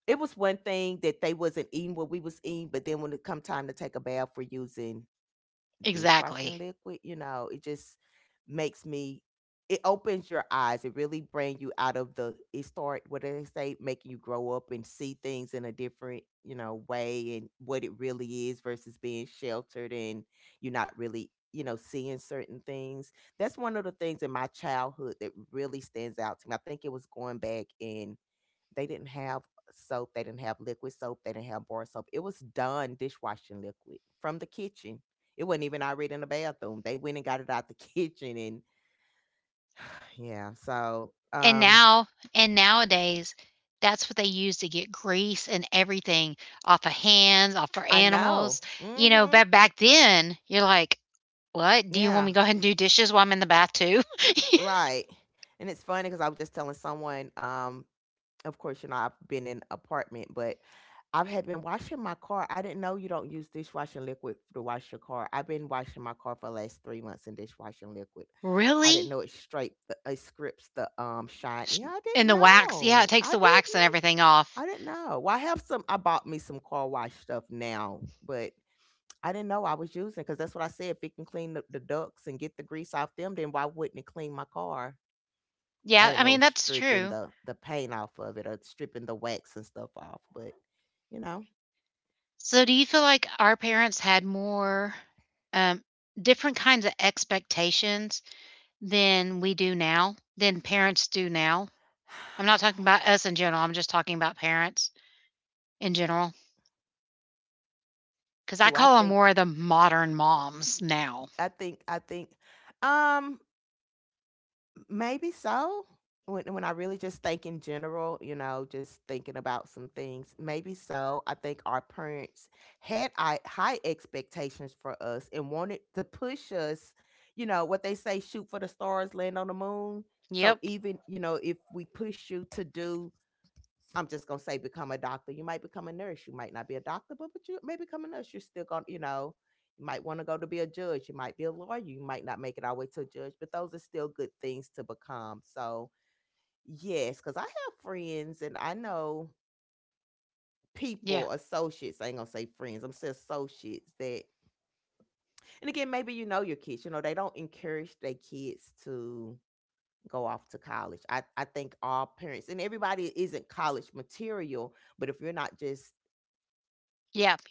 S2: it was one thing that they wasn't eating what we was eating, but then when it come time to take a bath, we're using
S1: Exactly.
S2: dishwashing liquid. You know, it just makes me, it opens your eyes. It really brings you out of the, it start, what do they say, making you grow up and see things in a different, you know, way and what it really is versus being sheltered and you're not really, you know, seeing certain things. That's one of the things in my childhood that really stands out to me. I think it was going back and they didn't have soap. They didn't have liquid soap. They didn't have bar soap. It was done dishwashing liquid from the kitchen. It wasn't even already in the bathroom. They went and got it out the kitchen, and yeah. So
S1: And now and nowadays, that's what they use to get grease and everything off of hands, off for
S2: I know.
S1: animals. You know,
S2: Mm-hmm.
S1: but back then, you're like, "What? Do you
S2: Yeah.
S1: want me to go ahead and do dishes while I'm in the bath too?"
S2: Right. And it's funny because I was just telling someone. Of course, you know I've been in an apartment, but I've had been washing my car. I didn't know you don't use dishwashing liquid to wash your car. I've been washing my car for the last 3 months in dishwashing liquid. I didn't
S1: "Really?"
S2: know it straight the, it scripts the shine.
S1: S
S2: Yeah, I
S1: and
S2: didn't
S1: the wax. Yeah, it
S2: know.
S1: takes
S2: I
S1: the wax and
S2: didn't.
S1: everything off.
S2: I didn't know. Well, I have some. I bought me some car wash stuff now, but I didn't know I was using because that's what I said. If it can clean the ducts and get the grease off them, then why wouldn't it clean my car? I
S1: Yeah,
S2: didn't
S1: I
S2: know it
S1: mean,
S2: was
S1: that's
S2: stripping
S1: true.
S2: the paint off of it or stripping the wax and stuff off. But you know,
S1: So, do you feel like our parents had more, um, different kinds of expectations than we do now, than parents do now? I'm not talking about us in general. I'm just talking about parents in general, because I
S2: do I
S1: call them
S2: think?
S1: more of the modern moms now.
S2: I think. I think. Um, Maybe so. When I really just think in general, you know, just thinking about some things, maybe so. I think our parents had high expectations for us and wanted to push us, you know, what they say, shoot for the stars, land on the moon. So
S1: Yep.
S2: even, you know, if we push you to do, I'm just gonna say become a doctor. You might become a nurse. You might not be a doctor, but you may become a nurse. You're still gonna, you know, you might want to go to be a judge. You might be a lawyer. You might not make it all the way to a judge, but those are still good things to become. So yes, because I have friends and I know people,
S1: Yeah.
S2: associates. I ain't gonna say friends. I'm saying associates that, and again, maybe you know your kids. You know, they don't encourage their kids to go off to college. I think all parents and everybody isn't college material, but if you're not just,
S1: Yep.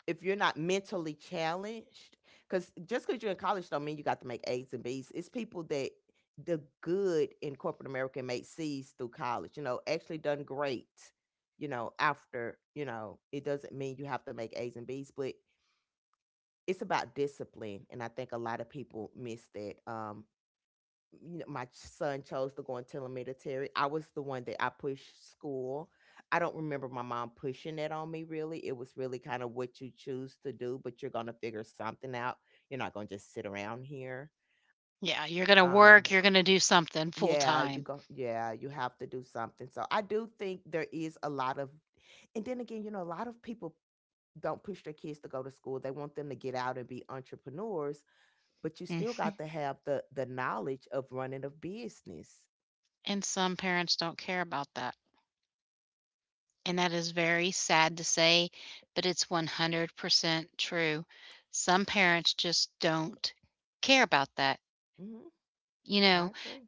S2: if you're not mentally challenged, because just because you're in college don't mean you got to make A's and B's. It's people that the good in corporate America made C's through college, you know, actually done great, you know, after, you know, it doesn't mean you have to make A's and B's, but it's about discipline. And I think a lot of people miss that. You know, my son chose to go on telemetry. I was the one that I pushed school. I don't remember my mom pushing it on me really. It was really kind of what you choose to do, but you're gonna figure something out. You're not gonna just sit around here.
S1: Yeah. You're going to
S2: Um,
S1: work. You're going to do something full
S2: yeah, you
S1: time.
S2: go. Yeah, you have to do something. So I do think there is a lot of, and then again, you know, a lot of people don't push their kids to go to school. They want them to get out and be entrepreneurs, but you still
S1: Hmm.
S2: got to have the knowledge of running a business.
S1: And some parents don't care about that. And that is very sad to say, but it's 100% true. Some parents just don't care about that,
S2: Mm-hmm.
S1: you
S2: I
S1: know?
S2: agree.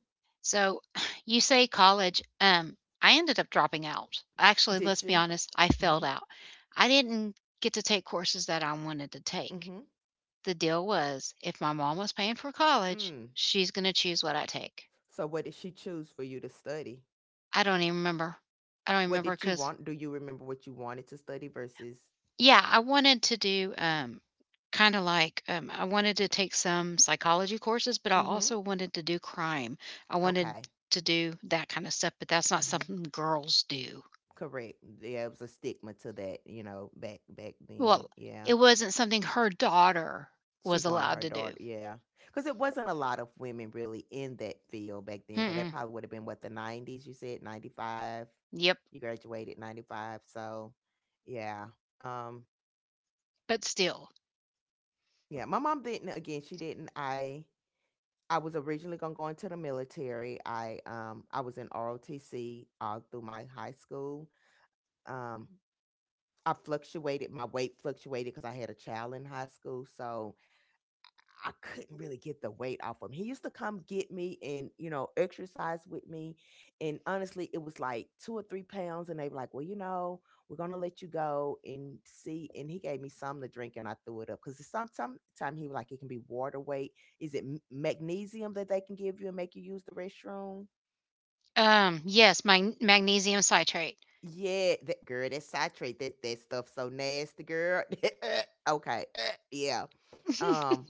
S1: So you say college, I ended up dropping out. Actually,
S2: Did
S1: let's be
S2: you?
S1: honest, I
S2: Hmm.
S1: failed out. I didn't get to take courses that I wanted to take.
S2: Hmm.
S1: The deal was if my mom was paying for college,
S2: Mm.
S1: she's going to choose what I take.
S2: So what did she choose for you to study?
S1: I don't even remember. I don't
S2: What
S1: remember
S2: did you
S1: because
S2: want? Do you remember what you wanted to study versus?
S1: Yeah, I wanted to do, kinda like, I wanted to take some psychology courses, but I
S2: Mm hmm
S1: also wanted to do crime. I wanted
S2: Okay.
S1: to do that kinda stuff, but that's
S2: mm
S1: not
S2: hmm
S1: something girls do.
S2: Correct. There was a stigma to that, you know, back then.
S1: Well,
S2: Yeah.
S1: it wasn't something her daughter
S2: She
S1: was
S2: wanted
S1: allowed
S2: her
S1: to
S2: daughter.
S1: do.
S2: Yeah. Because it wasn't a lot of women really in that field back then. Because that
S1: Mm-mm.
S2: probably would have been what, the 90s. You said 95.
S1: Yep,
S2: You graduated 95. So, yeah. Um.
S1: but still.
S2: Yeah. My mom didn't. Again, she didn't. I was originally gonna go into the military. I was in ROTC all through my high school. Um, I fluctuated. My weight fluctuated because I had a child in high school. So I couldn't really get the weight off of him. He used to come get me and, you know, exercise with me. And honestly, it was like 2 or 3 pounds. And they were like, well, you know, we're going to let you go and see. And he gave me something to drink and I threw it up. Because sometime he was like, it can be water weight. Is it magnesium that they can give you and make you use the restroom?
S1: Yes, magnesium citrate.
S2: Yeah, that girl, that citrate, that stuff so nasty, girl. Okay, yeah. Um,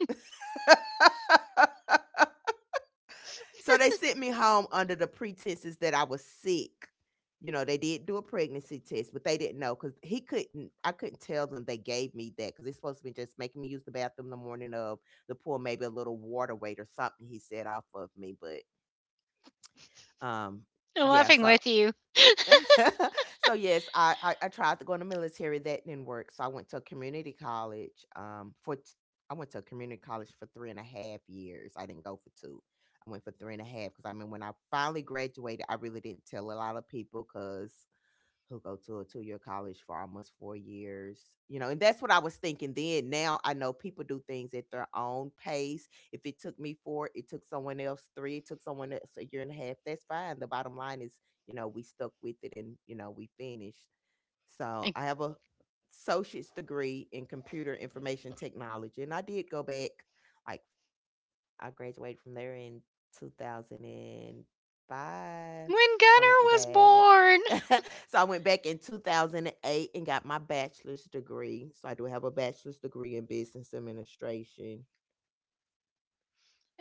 S2: So they sent me home under the pretenses that I was sick. You know, they did do a pregnancy test, but they didn't know because he couldn't. I couldn't tell them they gave me that because it's supposed to be just making me use the bathroom the morning of the pour, maybe a little water weight or something. He said off of me, but um,
S1: I'm
S2: yeah.
S1: laughing
S2: So
S1: with you,
S2: so yes, I tried to go in the military. That didn't work. So I went to a community college. I went to a community college for three and a half years. I didn't go for two. I went for three and a half because I mean, when I finally graduated, I really didn't tell a lot of people because who go to a two-year college for almost four years, you know. And that's what I was thinking then. Now I know people do things at their own pace. If it took me four, it took someone else three, it took someone else a year and a half, that's fine. The bottom line is, you know, we stuck with it and, you know, we finished. So
S1: like,
S2: I have a associate's degree in computer information technology, and I did go back like, I graduated from there in 2005.
S1: when
S2: I
S1: Gunnar
S2: went
S1: was
S2: back.
S1: born.
S2: So I went back in 2008 and eight and got my bachelor's degree. So I do have a bachelor's degree in business administration.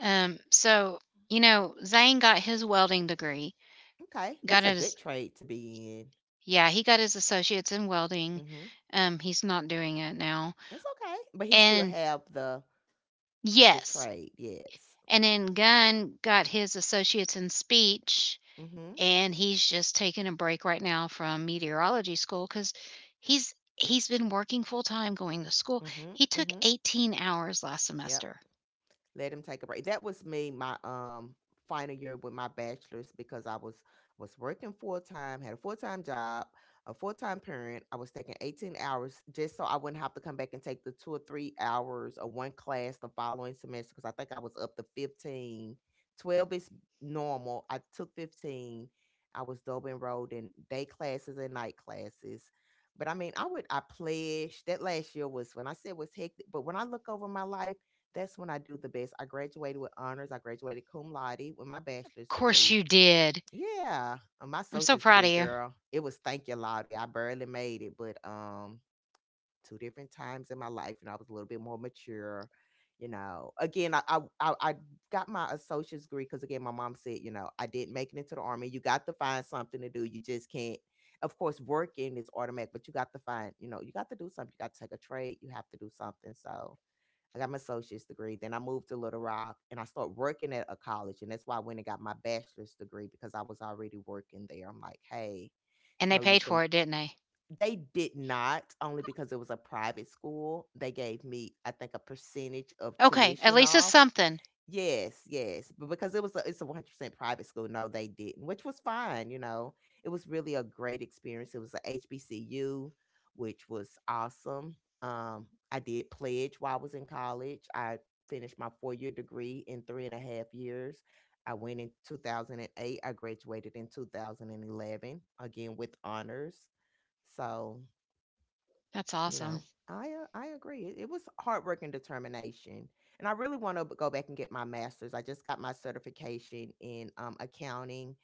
S1: So, you know, Zane got his welding degree,
S2: Okay,
S1: got
S2: that's a
S1: his
S2: good trade to be
S1: yeah, he got his associates in welding,
S2: in. Hmm.
S1: he's not doing it now,
S2: That's okay, but he still
S1: and
S2: have the
S1: yes,
S2: trade. Yes.
S1: and then Gunn got his associates in speech,
S2: Mm-hmm.
S1: and he's just taking a break right now from meteorology school because he's been working full time going to school.
S2: Mm-hmm.
S1: He took
S2: Mm-hmm.
S1: 18 hours last
S2: Yep.
S1: semester.
S2: Let him take a break. That was me my final year with my bachelor's because I was working full time, had a full time job, a full time parent. I was taking 18 hours just so I wouldn't have to come back and take the 2 or 3 hours or one class the following semester because I think I was up to 15. 12 is normal. I took 15. I was double enrolled in day classes and night classes. But I mean, I would, I pledged that last year was when I said was hectic. But when I look over my life, that's when I do the best. I graduated with honors. I graduated cum laude with my
S1: Of
S2: bachelor's
S1: course
S2: degree.
S1: you did.
S2: Yeah, my
S1: I'm so
S2: associate's
S1: proud
S2: degree,
S1: of you,
S2: girl. It was thank you, laude. I barely made it, but two different times in my life, and I was a little bit more mature. You know, again, I got my associate's degree because again, my mom said, you know, I didn't make it into the army. You got to find something to do. You just can't. Of course, working is automatic, but you got to find, you know, you got to do something. You got to take a trade. You have to do something. So I got my associate's degree. Then I moved to Little Rock and I started working at a college. And that's why I went and got my bachelor's degree because I was already working there. I'm like, hey, it's
S1: and they
S2: no use
S1: paid
S2: to.
S1: for it, didn't they?
S2: They did not, only because it was a private school. They gave me, I think, a percentage of
S1: Okay, at
S2: tuition
S1: least it's
S2: off.
S1: something.
S2: Yes, yes, but because it's a 100% private school, no, they didn't, which was fine, you know. It was really a great experience. It was a HBCU, which was awesome. I did pledge while I was in college. I finished my 4-year degree in 3.5 years. I went in 2008. I graduated in 2011, again with honors. So
S1: That's
S2: you
S1: awesome.
S2: know, I agree. It was hard work and determination, and I really want to go back and get my master's. I just got my certification in accounting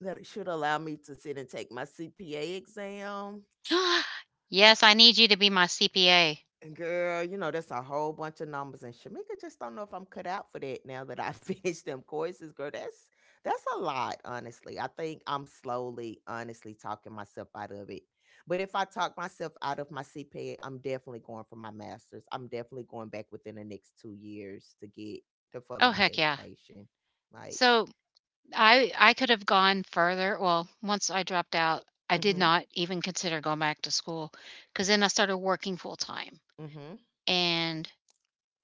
S2: that it should allow me to sit and take my CPA exam.
S1: Yes, I need you to be my CPA.
S2: And girl, you know, that's a whole bunch of numbers. And Shamika just don't know if I'm cut out for that now that I finished them courses, girl. That's a lot, honestly. I think I'm slowly, honestly talking myself out of it. But if I talk myself out of my CPA, I'm definitely going for my master's. I'm definitely going back within the next 2 years to get to further
S1: Oh,
S2: my
S1: heck yeah.
S2: education. Like,
S1: So I could have gone further. Well, once I dropped out, I did
S2: mm-hmm,
S1: not even consider going back to school because then I started working full time.
S2: mm-hmm,
S1: And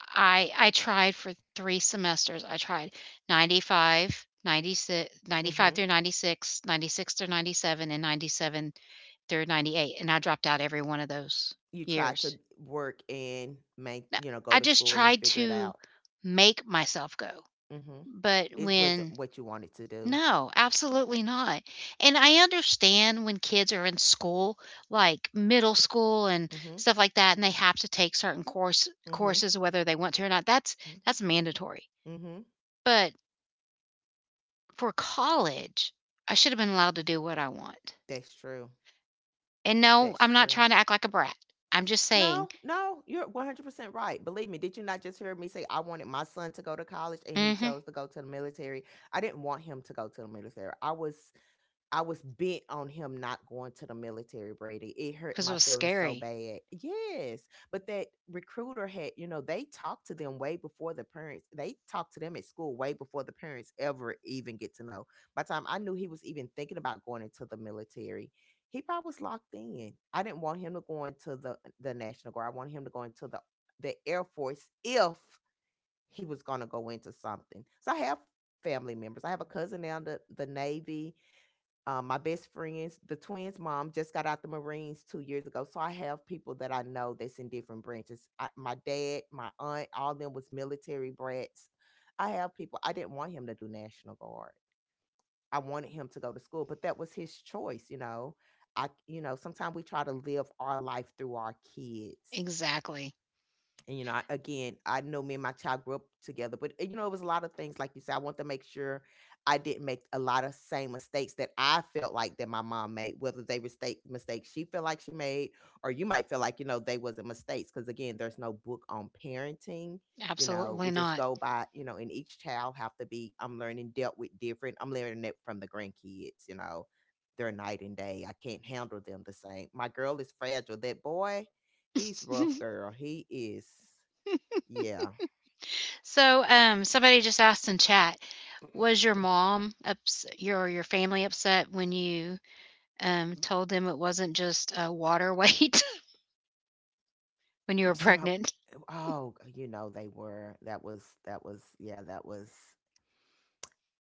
S1: I tried for 3 semesters. I tried 95, 96, 95
S2: mm-hmm.
S1: through 96, 96 through 97 and 97 through 98, and I dropped out every one of those
S2: You try to
S1: years.
S2: work and make,
S1: Now,
S2: you know, go
S1: I
S2: to
S1: just
S2: school and
S1: tried
S2: figure it
S1: to
S2: out.
S1: make myself go.
S2: Mm-hmm.
S1: But
S2: It wasn't
S1: when
S2: what you wanted to do.
S1: no,
S2: Okay.
S1: absolutely not. And I understand when kids are in school, like middle school and
S2: Mhm.
S1: stuff like that, and they have to take certain
S2: Mhm.
S1: courses whether they want to or not. That's
S2: Mhm.
S1: that's mandatory.
S2: Mhm.
S1: But for college, I should have been allowed to do what I want.
S2: That's true.
S1: And no,
S2: That's
S1: I'm not
S2: true.
S1: trying to act like a brat. I'm just saying,
S2: No, no, you're 100% right. Believe me, did you not just hear me say I wanted my son to go to college and he
S1: mm-hmm,
S2: chose to go to the military? I didn't want him to go to the military. I was bent on him not going to the military, Brady. It hurt
S1: because it
S2: my
S1: was
S2: feelings so
S1: scary.
S2: bad. Yes. But that recruiter had, you know, they talked to them way before the parents, they talked to them at school way before the parents ever even get to know. By the time I knew he was even thinking about going into the military, he probably was locked in. I didn't want him to go into the National Guard. I wanted him to go into the Air Force if he was going to go into something. So I have family members. I have a cousin now in the Navy. My best friends, the twins' mom just got out the Marines 2 years ago, so I have people that I know that's in different branches. I, my dad, my aunt, all of them was military brats. I have people. I didn't want him to do National Guard. I wanted him to go to school, but that was his choice. You know, I, sometimes we try to live our life through our kids
S1: Exactly.
S2: and, I, again, I know me and my child grew up together, but it was a lot of things. Like you said, I want to make sure I didn't make a lot of same mistakes that I felt like that my mom made, whether they were state mistakes she felt like she made, or you might feel like you know they wasn't mistakes. Because again, there's no book on parenting. You know,
S1: Absolutely
S2: we just
S1: not.
S2: go by, and each child have to be. I'm learning dealt with different. I'm learning it from the grandkids. You know, they're night and day. I can't handle them the same. My girl is fragile. That boy, he's rough, girl. He is. Yeah.
S1: So, somebody just asked in chat, was your mom your family upset when you told them it wasn't just water weight when you were
S2: Somehow,
S1: pregnant?
S2: oh, you know they were. That was, yeah. That was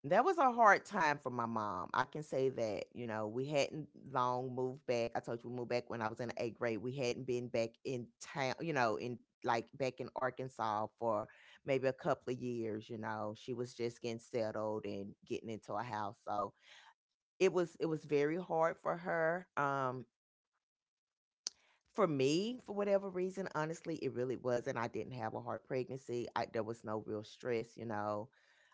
S2: that was a hard time for my mom. I can say that. You know, we hadn't long moved back. I told you we moved back when I was in the eighth grade. We hadn't been back in town. You know, in like back in Arkansas for maybe a couple of years. You know, she was just getting settled and getting into a house. So it was very hard for her. For me, for whatever reason, honestly, it really wasn't. I didn't have a hard pregnancy. There was no real stress, you know.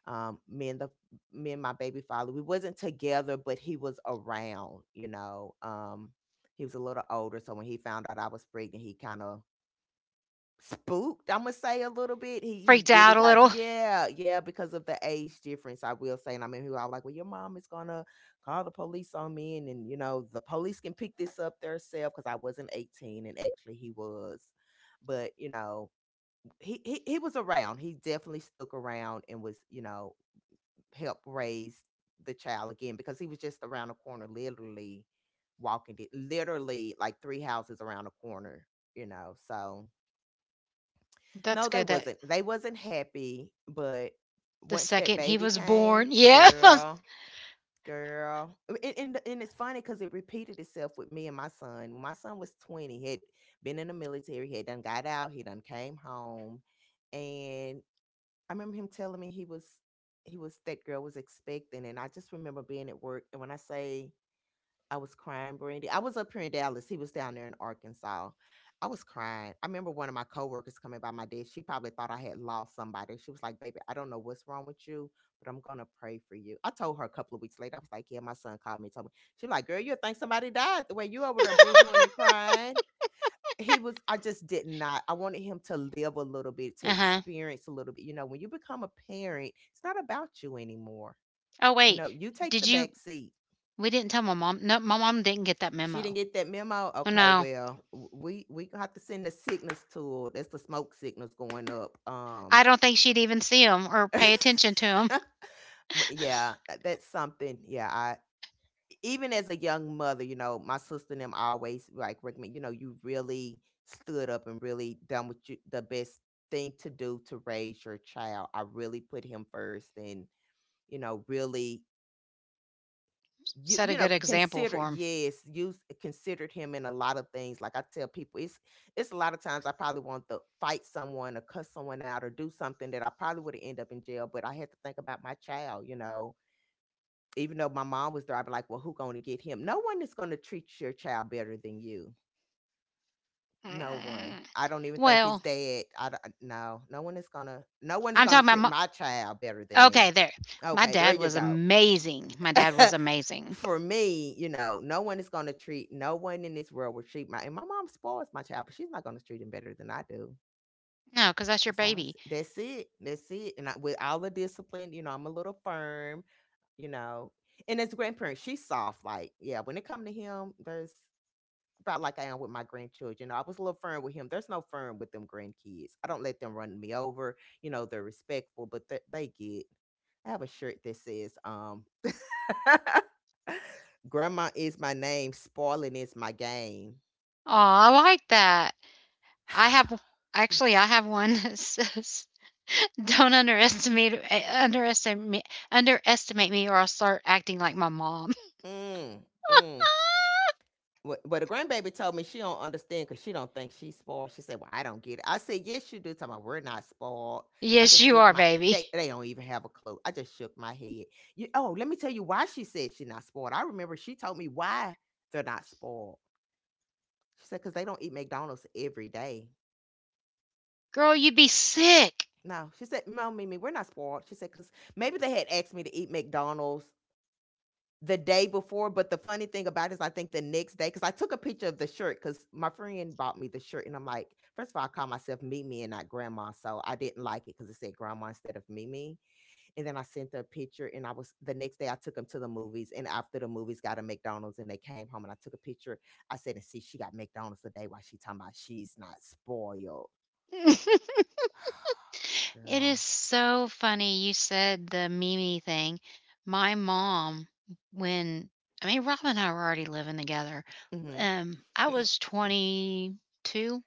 S2: Um, me and the me and my baby father, we wasn't together, but he was around, you know. He was a little older, so when he found out I was pregnant, he kind of spooked, Imma say a little bit. He
S1: Freaked
S2: really
S1: out a
S2: got,
S1: little.
S2: yeah, yeah, because of the age difference, I will say. And I mean, he was all like, well, your mom is gonna call the police on me, and then, you know, the police can pick this up themselves because I wasn't 18 and actually he was. But, you know, he was around. He definitely stuck around and was, you know, helped raise the child again because he was just around the corner, literally walking it, literally like three houses around the corner, you know. So
S1: That's
S2: no, they
S1: good. That
S2: wasn't. They wasn't happy, but
S1: the
S2: once that
S1: second he
S2: baby
S1: was
S2: came,
S1: born, yeah. uh
S2: girl, girl, and it's funny because it repeated itself with me and my son. When my son was 20. He had been in the military. He had done got out. He done came home, and I remember him telling me he was that girl was expecting, and I just remember being at work. And when I say I was crying, Brandy. I was up here in Dallas. He was down there in Arkansas. I was crying. I remember one of my coworkers coming by my desk. She probably thought I had lost somebody. She was like, "Baby, I don't know what's wrong with you, but I'm gonna pray for you." I told her a couple of weeks later. I was like, "Yeah, my son called me, told me." She was like, "Girl, you think somebody died the way you over there boohooing and crying." He was. I just did not. I wanted him to live a little bit, to
S1: huh.
S2: experience a little bit. You know, when you become a parent, it's not about you anymore.
S1: Oh
S2: You
S1: wait,
S2: know, you take
S1: did
S2: the
S1: you
S2: back seat.
S1: we didn't tell my mom. No, my mom didn't get that
S2: She didn't
S1: memo.
S2: get that memo?
S1: Oh,
S2: Okay,
S1: no,
S2: well, we gonna have to send the signals tool. That's the smoke signals going up.
S1: I don't think she'd even see him or
S2: But
S1: pay attention to him.
S2: yeah, that's something. Yeah, I even as a young mother, you know, my sister and them always like recommend, you know, you really stood up and really done what you the best thing to do to raise your child. I really put him first and, you know, really, you
S1: Set
S2: you
S1: a
S2: know
S1: good example
S2: considered,
S1: for him.
S2: yes, you considered him in a lot of things. Like I tell people, it's a lot of times I probably want to fight someone or cuss someone out or do something that I probably would have end up in jail, but I had to think about my child, you know. Even though my mom was there, I'd be like, well, who gonna get him? No one is gonna treat your child better than you. No one.
S1: Mm.
S2: I don't even think his
S1: Well,
S2: dad. I don't, no, no one is gonna no one is
S1: I'm
S2: gonna
S1: talking about.
S2: treat
S1: My,
S2: my child better than me.
S1: okay, there. My
S2: Okay, there
S1: dad
S2: you
S1: was
S2: go.
S1: amazing. My dad was amazing.
S2: For me, you know, no one is going to treat, no one in this world will treat my, and my mom spoils my child, but she's not going to treat him better than I do.
S1: No, because that's
S2: It's
S1: your
S2: just how I
S1: baby.
S2: see. That's it. That's it. And I, with all the discipline, you know, I'm a little firm, you know. And as a grandparent, she's soft. Like, yeah, when it come to him, there's about like I am with my grandchildren. I was a little firm with him. There's no firm with them grandkids. I don't let them run me over. You know, they're respectful, but they get. I have a shirt that says, "Grandma is my name, spoiling is my game."
S1: Oh, I like that. I have. Actually, I have one that says, "Don't underestimate underestimate me, or I'll start acting like my mom."
S2: Mm, mm. Well, the grandbaby told me she don't understand because she don't think she's spoiled. She said, "Well, I don't get it." I said, "Yes, you do." Talking about we're not spoiled. I
S1: Yes,
S2: just
S1: you
S2: shook
S1: are,
S2: my.
S1: baby.
S2: They don't even have a clue. I just shook my head. Let me tell you why she said she's not spoiled. I remember she told me why they're not spoiled. She said because they don't eat McDonald's every day.
S1: Girl, you'd be sick.
S2: No, she said, "No, Mimi, we're not spoiled." She said because maybe they had asked me to eat McDonald's the day before, but the funny thing about it is I think the next day, because I took a picture of the shirt because my friend bought me the shirt and I'm like, first of all, I call myself Mimi and not grandma. So I didn't like it because it said grandma instead of Mimi. And then I sent her a picture and I was the next day I took them to the movies and after the movies got a McDonald's and they came home and I took a picture. I said, and see, she got McDonald's today while she talking about she's not spoiled.
S1: It
S2: Girl.
S1: is so funny you said the Mimi thing. My mom, when Rob and I were already living together.
S2: Mm-hmm.
S1: Um,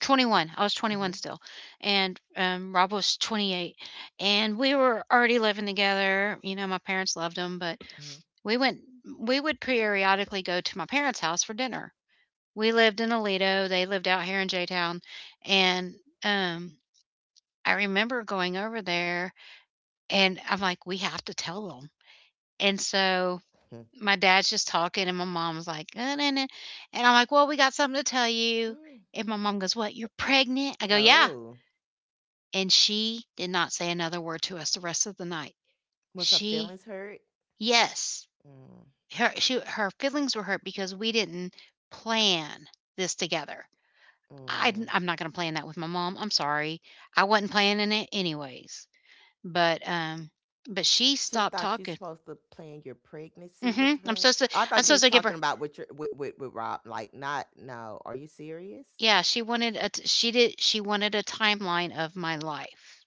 S1: 21. I was
S2: Mm-hmm.
S1: 21 still. And Rob was 28. And we were already living together. You know, my parents loved him, but
S2: Mm-hmm.
S1: we went, we would periodically go to my parents' house for dinner. We lived in Alito. They lived out here in J Town. And um, I remember going over there and I'm like, "We have to tell them." And so my dad's just talking, and my mom's like, nah, nah." And I'm like, "Well, we got something to tell you."
S2: mm
S1: And my mom goes, "What? You're pregnant?" I go, "Yeah."
S2: Oh.
S1: And she did not say another word to us the rest of the night.
S2: Was her
S1: She,
S2: feelings hurt?
S1: yes,
S2: Mm.
S1: her she her feelings were hurt because we didn't plan this together.
S2: Mm.
S1: I'm not going to plan that with my mom. I'm sorry. I wasn't planning it anyways. But um, but she
S2: She
S1: stopped
S2: thought you
S1: talking.
S2: supposed to plan your pregnancy with
S1: Mhm.
S2: her. I
S1: I'm
S2: thought you
S1: supposed
S2: was
S1: to give her
S2: talking about with your with Rob. Like, not no. Are you serious?
S1: yeah, she wanted a t she wanted a timeline of my life.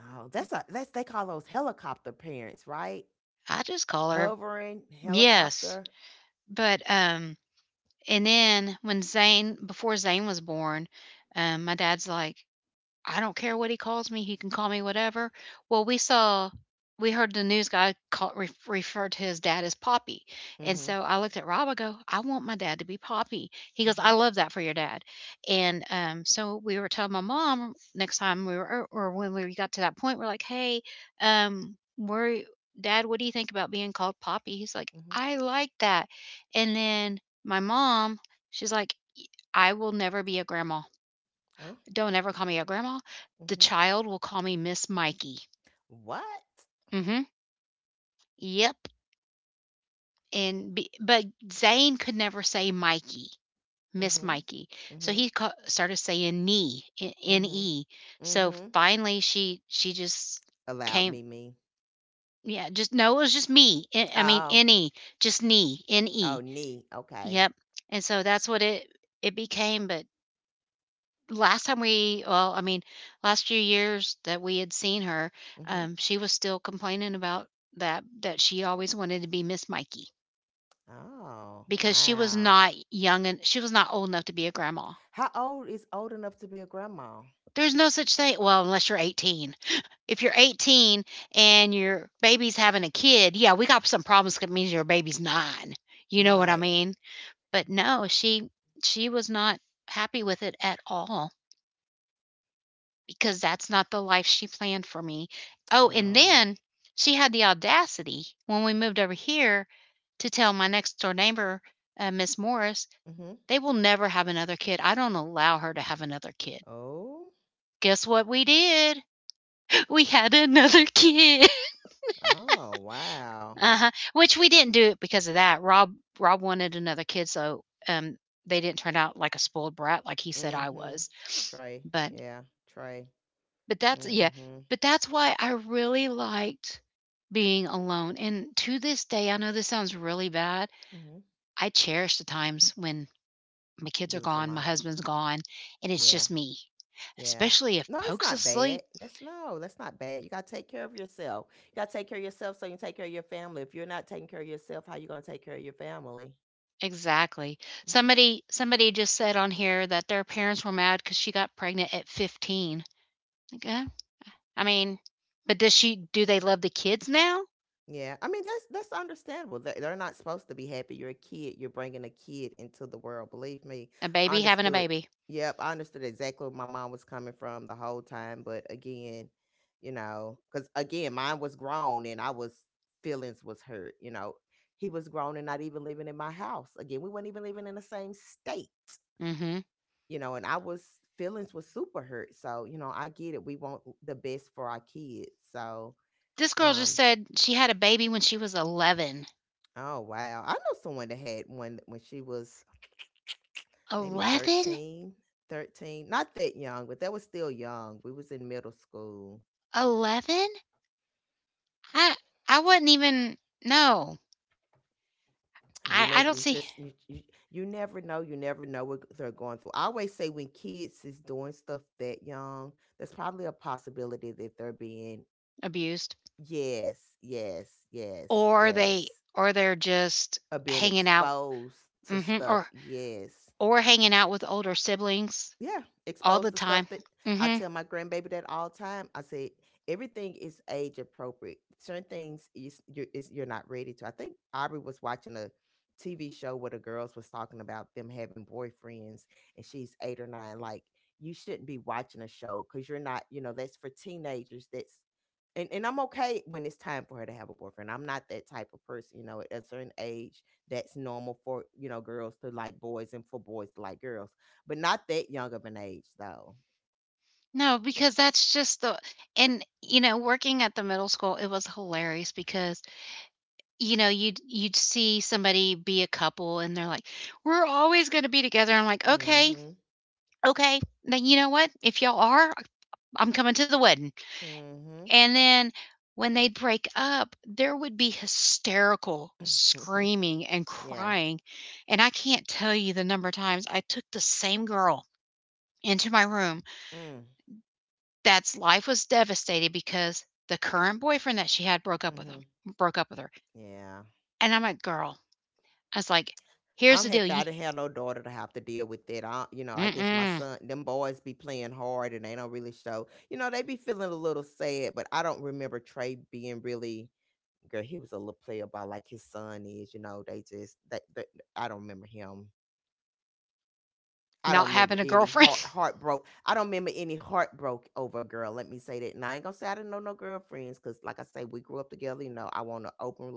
S2: Oh, that's they call those helicopter parents, right?
S1: I just call her
S2: Hovering
S1: yes.
S2: helicopter.
S1: But, and then when Zane before Zane was born, my dad's like, I don't care what he calls me, he can call me whatever. Well, we heard the news guy call, referred to his dad as Poppy. And
S2: Mm-hmm.
S1: so I looked at Rob, I go, I want my dad to be Poppy. He goes, I
S2: Mm-hmm.
S1: love that for your dad. And so we were telling my mom next time we were, or when we got to that point, we're like, hey, um, we're, dad, what do you think about being called Poppy? He's like,
S2: Mm-hmm.
S1: I like that. And then my mom, she's like, I will never be a grandma.
S2: Oh.
S1: Don't ever call me a grandma. The
S2: Mm-hmm.
S1: child will call me Miss Mikey.
S2: What?
S1: Mm-hmm. Yep. But Zane could never say Mikey, Miss
S2: Mm-hmm.
S1: Mikey. So
S2: Mm-hmm.
S1: he started saying knee, N
S2: Mm-hmm.
S1: E. So
S2: Mm-hmm.
S1: finally, she just
S2: Allowed me
S1: came.
S2: me.
S1: Yeah, just no, it was just me. I mean,
S2: Oh.
S1: N E, just knee, N
S2: Oh,
S1: E.
S2: knee. Okay.
S1: Yep. And so that's what it became. But last time we well, I mean, last few years that we had seen her,
S2: Mm-hmm.
S1: she was still complaining about that she always wanted to be Miss Mikey
S2: Oh,
S1: because she was
S2: wow.
S1: not young and she was not old enough to be a grandma.
S2: How old is old enough to be a grandma?
S1: There's no such thing. Well, unless you're 18. If you're 18 and your baby's having a kid, yeah, we got some problems 'cause it means your baby's nine. You know what I
S2: Right.
S1: mean? But no, she was not happy with it at all, because that's not the life she planned for me. Oh, and
S2: Um.
S1: then she had the audacity when we moved over here to tell my next door neighbor, Miss Morris,
S2: Hmm
S1: they will never have another kid. I don't allow her to have another kid.
S2: Oh.
S1: Guess what we did? We had another kid.
S2: Oh. Wow.
S1: Uh-huh. Which we didn't do it because of that. Rob wanted another kid, so they didn't turn out like a spoiled brat like he said I
S2: Mm-hmm.
S1: was.
S2: Trey.
S1: But
S2: Yeah. Trey.
S1: But that's yeah,
S2: Mm-hmm.
S1: but that's why I really liked being alone, and to this day, I know this sounds really bad,
S2: Mm-hmm.
S1: I cherish the times when my kids are
S2: You was
S1: gone, my
S2: alone.
S1: husband's gone, and it's
S2: Yeah.
S1: just me,
S2: Yeah.
S1: especially if
S2: No, it's
S1: Poke's
S2: not
S1: asleep.
S2: bad. That's no, that's not bad. You gotta take care of yourself. You gotta take care of yourself so you can take care of your family. If you're not taking care of yourself, how you gonna take care of your family?
S1: Exactly.
S2: Mm-hmm.
S1: Somebody just said on here that their parents were mad because she got pregnant at 15. Okay. I mean, but does she do they love the kids now?
S2: Yeah, I mean that's understandable. They- They're not supposed to be happy. You're a kid. You're bringing a kid into the world. Believe me,
S1: A
S2: I
S1: baby having a
S2: understood.
S1: baby.
S2: Yep, I understood exactly where my mom was coming from the whole time. But again, you know, because again, mine was grown and I was feelings was hurt. You know, he was grown and not even living in my house. Again, we weren't even living in the same state.
S1: Mhm.
S2: You know, and I was feelings was super hurt. So you know, I get it. We want the best for our kids. So
S1: This girl just
S2: um,
S1: said she had a baby when she was 11.
S2: Oh, wow. I know someone that had one when she was maybe
S1: 11?
S2: 13, not that young, but that was still young. We was in middle school.
S1: 11? I I wouldn't even no.
S2: And you
S1: I
S2: ne-
S1: don't
S2: you
S1: see
S2: just you, you you never know what they're going through. I always say when kids is doing stuff that young, there's probably a possibility that they're being
S1: abused
S2: yes, yes, yes,
S1: or
S2: yes,
S1: they or they're just
S2: of being
S1: hanging out
S2: exposed to
S1: mhm,
S2: stuff. Yes.
S1: or hanging out with older siblings
S2: Yeah,
S1: all
S2: expose
S1: the
S2: the
S1: time.
S2: stuff that I
S1: Mhm.
S2: tell my grandbaby that all the time. I said everything is age appropriate. Certain things is you're not ready to. I think Aubrey was watching a TV show where the girls was talking about them having boyfriends, and she's eight or nine. Like you shouldn't be watching a show because you're not. You know that's for teenagers. That's and I'm okay when it's time for her to have a boyfriend. I'm not that type of person, you know, at a certain age that's normal for, you know, girls to like boys and for boys to like girls but not that young of an age though.
S1: No, because that's just the and you know, working at the middle school, it was hilarious because you know, you'd see somebody be a couple and they're like, "We're always going to be together." I'm like,
S2: Mm
S1: "Okay.
S2: Mhm.
S1: Okay. Then you know what? If y'all are, I'm coming to the wedding."
S2: mm
S1: And then when they'd break up, there would be hysterical
S2: Mhm.
S1: screaming and
S2: Yeah.
S1: crying, and I can't tell you the number of times I took the same girl into my room
S2: Mm.
S1: that's life was devastated because the current boyfriend that she had broke
S2: mm
S1: up with him
S2: Mhm.
S1: broke up with her.
S2: Yeah.
S1: And I'm like, "Girl," I was like, "Here's
S2: I'm
S1: the deal,
S2: happy I
S1: you
S2: didn't have no daughter to have to deal with that. I, you know, I guess my
S1: mm-mm,
S2: son, them boys be playing hard and they don't really show. You know, they be feeling a little sad, but I don't remember Trey being really. Girl, he was a little player about like his son is. You know, they I don't remember him I
S1: not
S2: don't remember
S1: having a
S2: any
S1: girlfriend,
S2: heartbroke. I don't remember any heartbroke over a girl. Let me say that. And I ain't gonna say I didn't know no girlfriends because, like I say, we grew up together. You know, I want to open,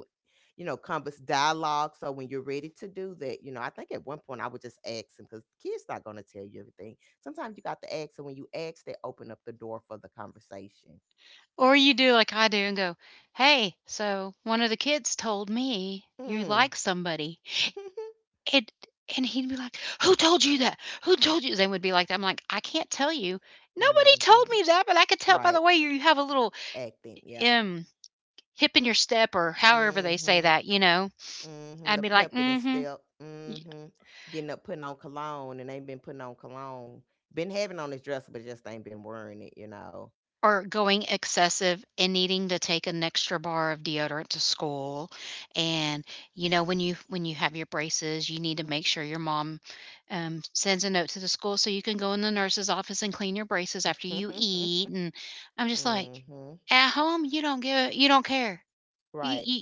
S2: you know, converse dialogue. So when you're ready to do that, you know, I think at one point I would just ask them because kids not gonna tell you everything. Sometimes you got to ask, and when you ask, they open up the door for the conversation.
S1: or you do like I do and go, hey, so one of the kids told me you
S2: Mm.
S1: like somebody.' And he'd be like, "Who told you that? Who told you?" They would be like that. I'm like, "I can't tell you. Nobody
S2: Mm-hmm.
S1: told me that, but I could tell by
S2: Right.
S1: the way you have a little
S2: Acting. Yep.
S1: um hip in your step or however they say
S2: Hmm.
S1: that, you know."
S2: Mhm, the
S1: I'd be like,
S2: pep in his
S1: "Mm-hmm.
S2: step. Mhm. Getting up, putting on cologne, and ain't been putting on cologne. Been having on his dresser, but just ain't been wearing it, you know.
S1: Or going excessive and needing to take an extra bar of deodorant to school, and, you know, when you have your braces, you need to make sure your mom, sends a note to the school so you can go in the nurse's office and clean your braces after you eat, and I'm just like,
S2: Mhm.
S1: "At home, you don't care. You
S2: Right.
S1: you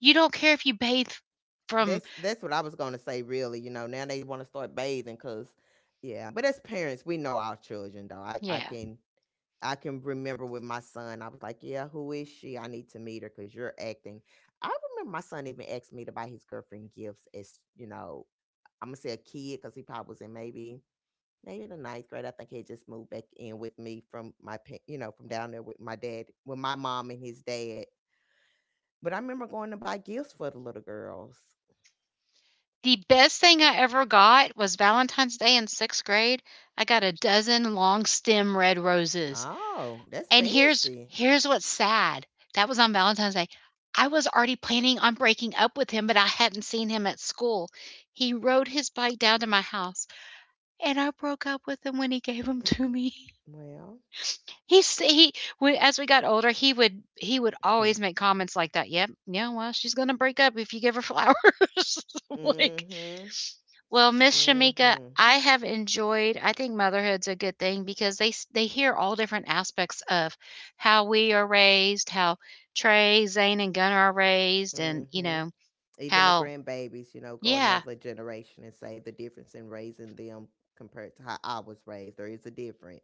S1: you don't care if you bathe from."
S2: That's what I was gonna say. Really, you know, now they want to start bathing, cause yeah. But as parents, we know our children, though. I
S1: Yeah.
S2: can I can remember with my son, I was like, yeah, who is she? I need to meet her, cause you're acting. I remember my son even asked me to buy his girlfriend gifts as you know I'm gonna say a kid because he probably was in maybe in the ninth grade. I think he had just moved back in with me from you know from down there with my dad with my mom and his dad. But I remember going to buy gifts for the little girls.
S1: The best thing I ever got was Valentine's Day in 6th grade. I got a dozen long stem red roses.
S2: Oh, that's
S1: And here's
S2: fancy.
S1: here's what's sad. That was on Valentine's Day. I was already planning on breaking up with him, but I hadn't seen him at school. He rode his bike down to my house, and I broke up with him when he gave him
S2: Mm,
S1: to me.
S2: well,
S1: He s- he when, as we got older, he would always make comments like that. Yep, yeah, well, she's gonna break up if you give her flowers. like
S2: mm-hmm,
S1: well, Miss Shamika,
S2: mm-hmm,
S1: I have enjoyed I think motherhood's a good thing because they hear all different aspects of how we are raised, how Trey, Zane, and Gunnar are raised, and you
S2: mm-hmm.
S1: know,
S2: Even the
S1: how
S2: grandbabies, you know, go
S1: yeah,
S2: another generation and say the difference in raising them compared to how I was raised. There is a difference.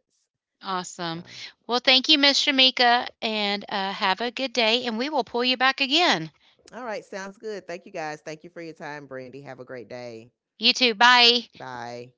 S2: So
S1: awesome. Well, thank you, Miss Shamika, and have a good day, and we will pull you back again.
S2: all right, sounds good. Thank you guys. Thank you for your time, Brandy. Have a great day.
S1: You too. Bye.
S2: Bye.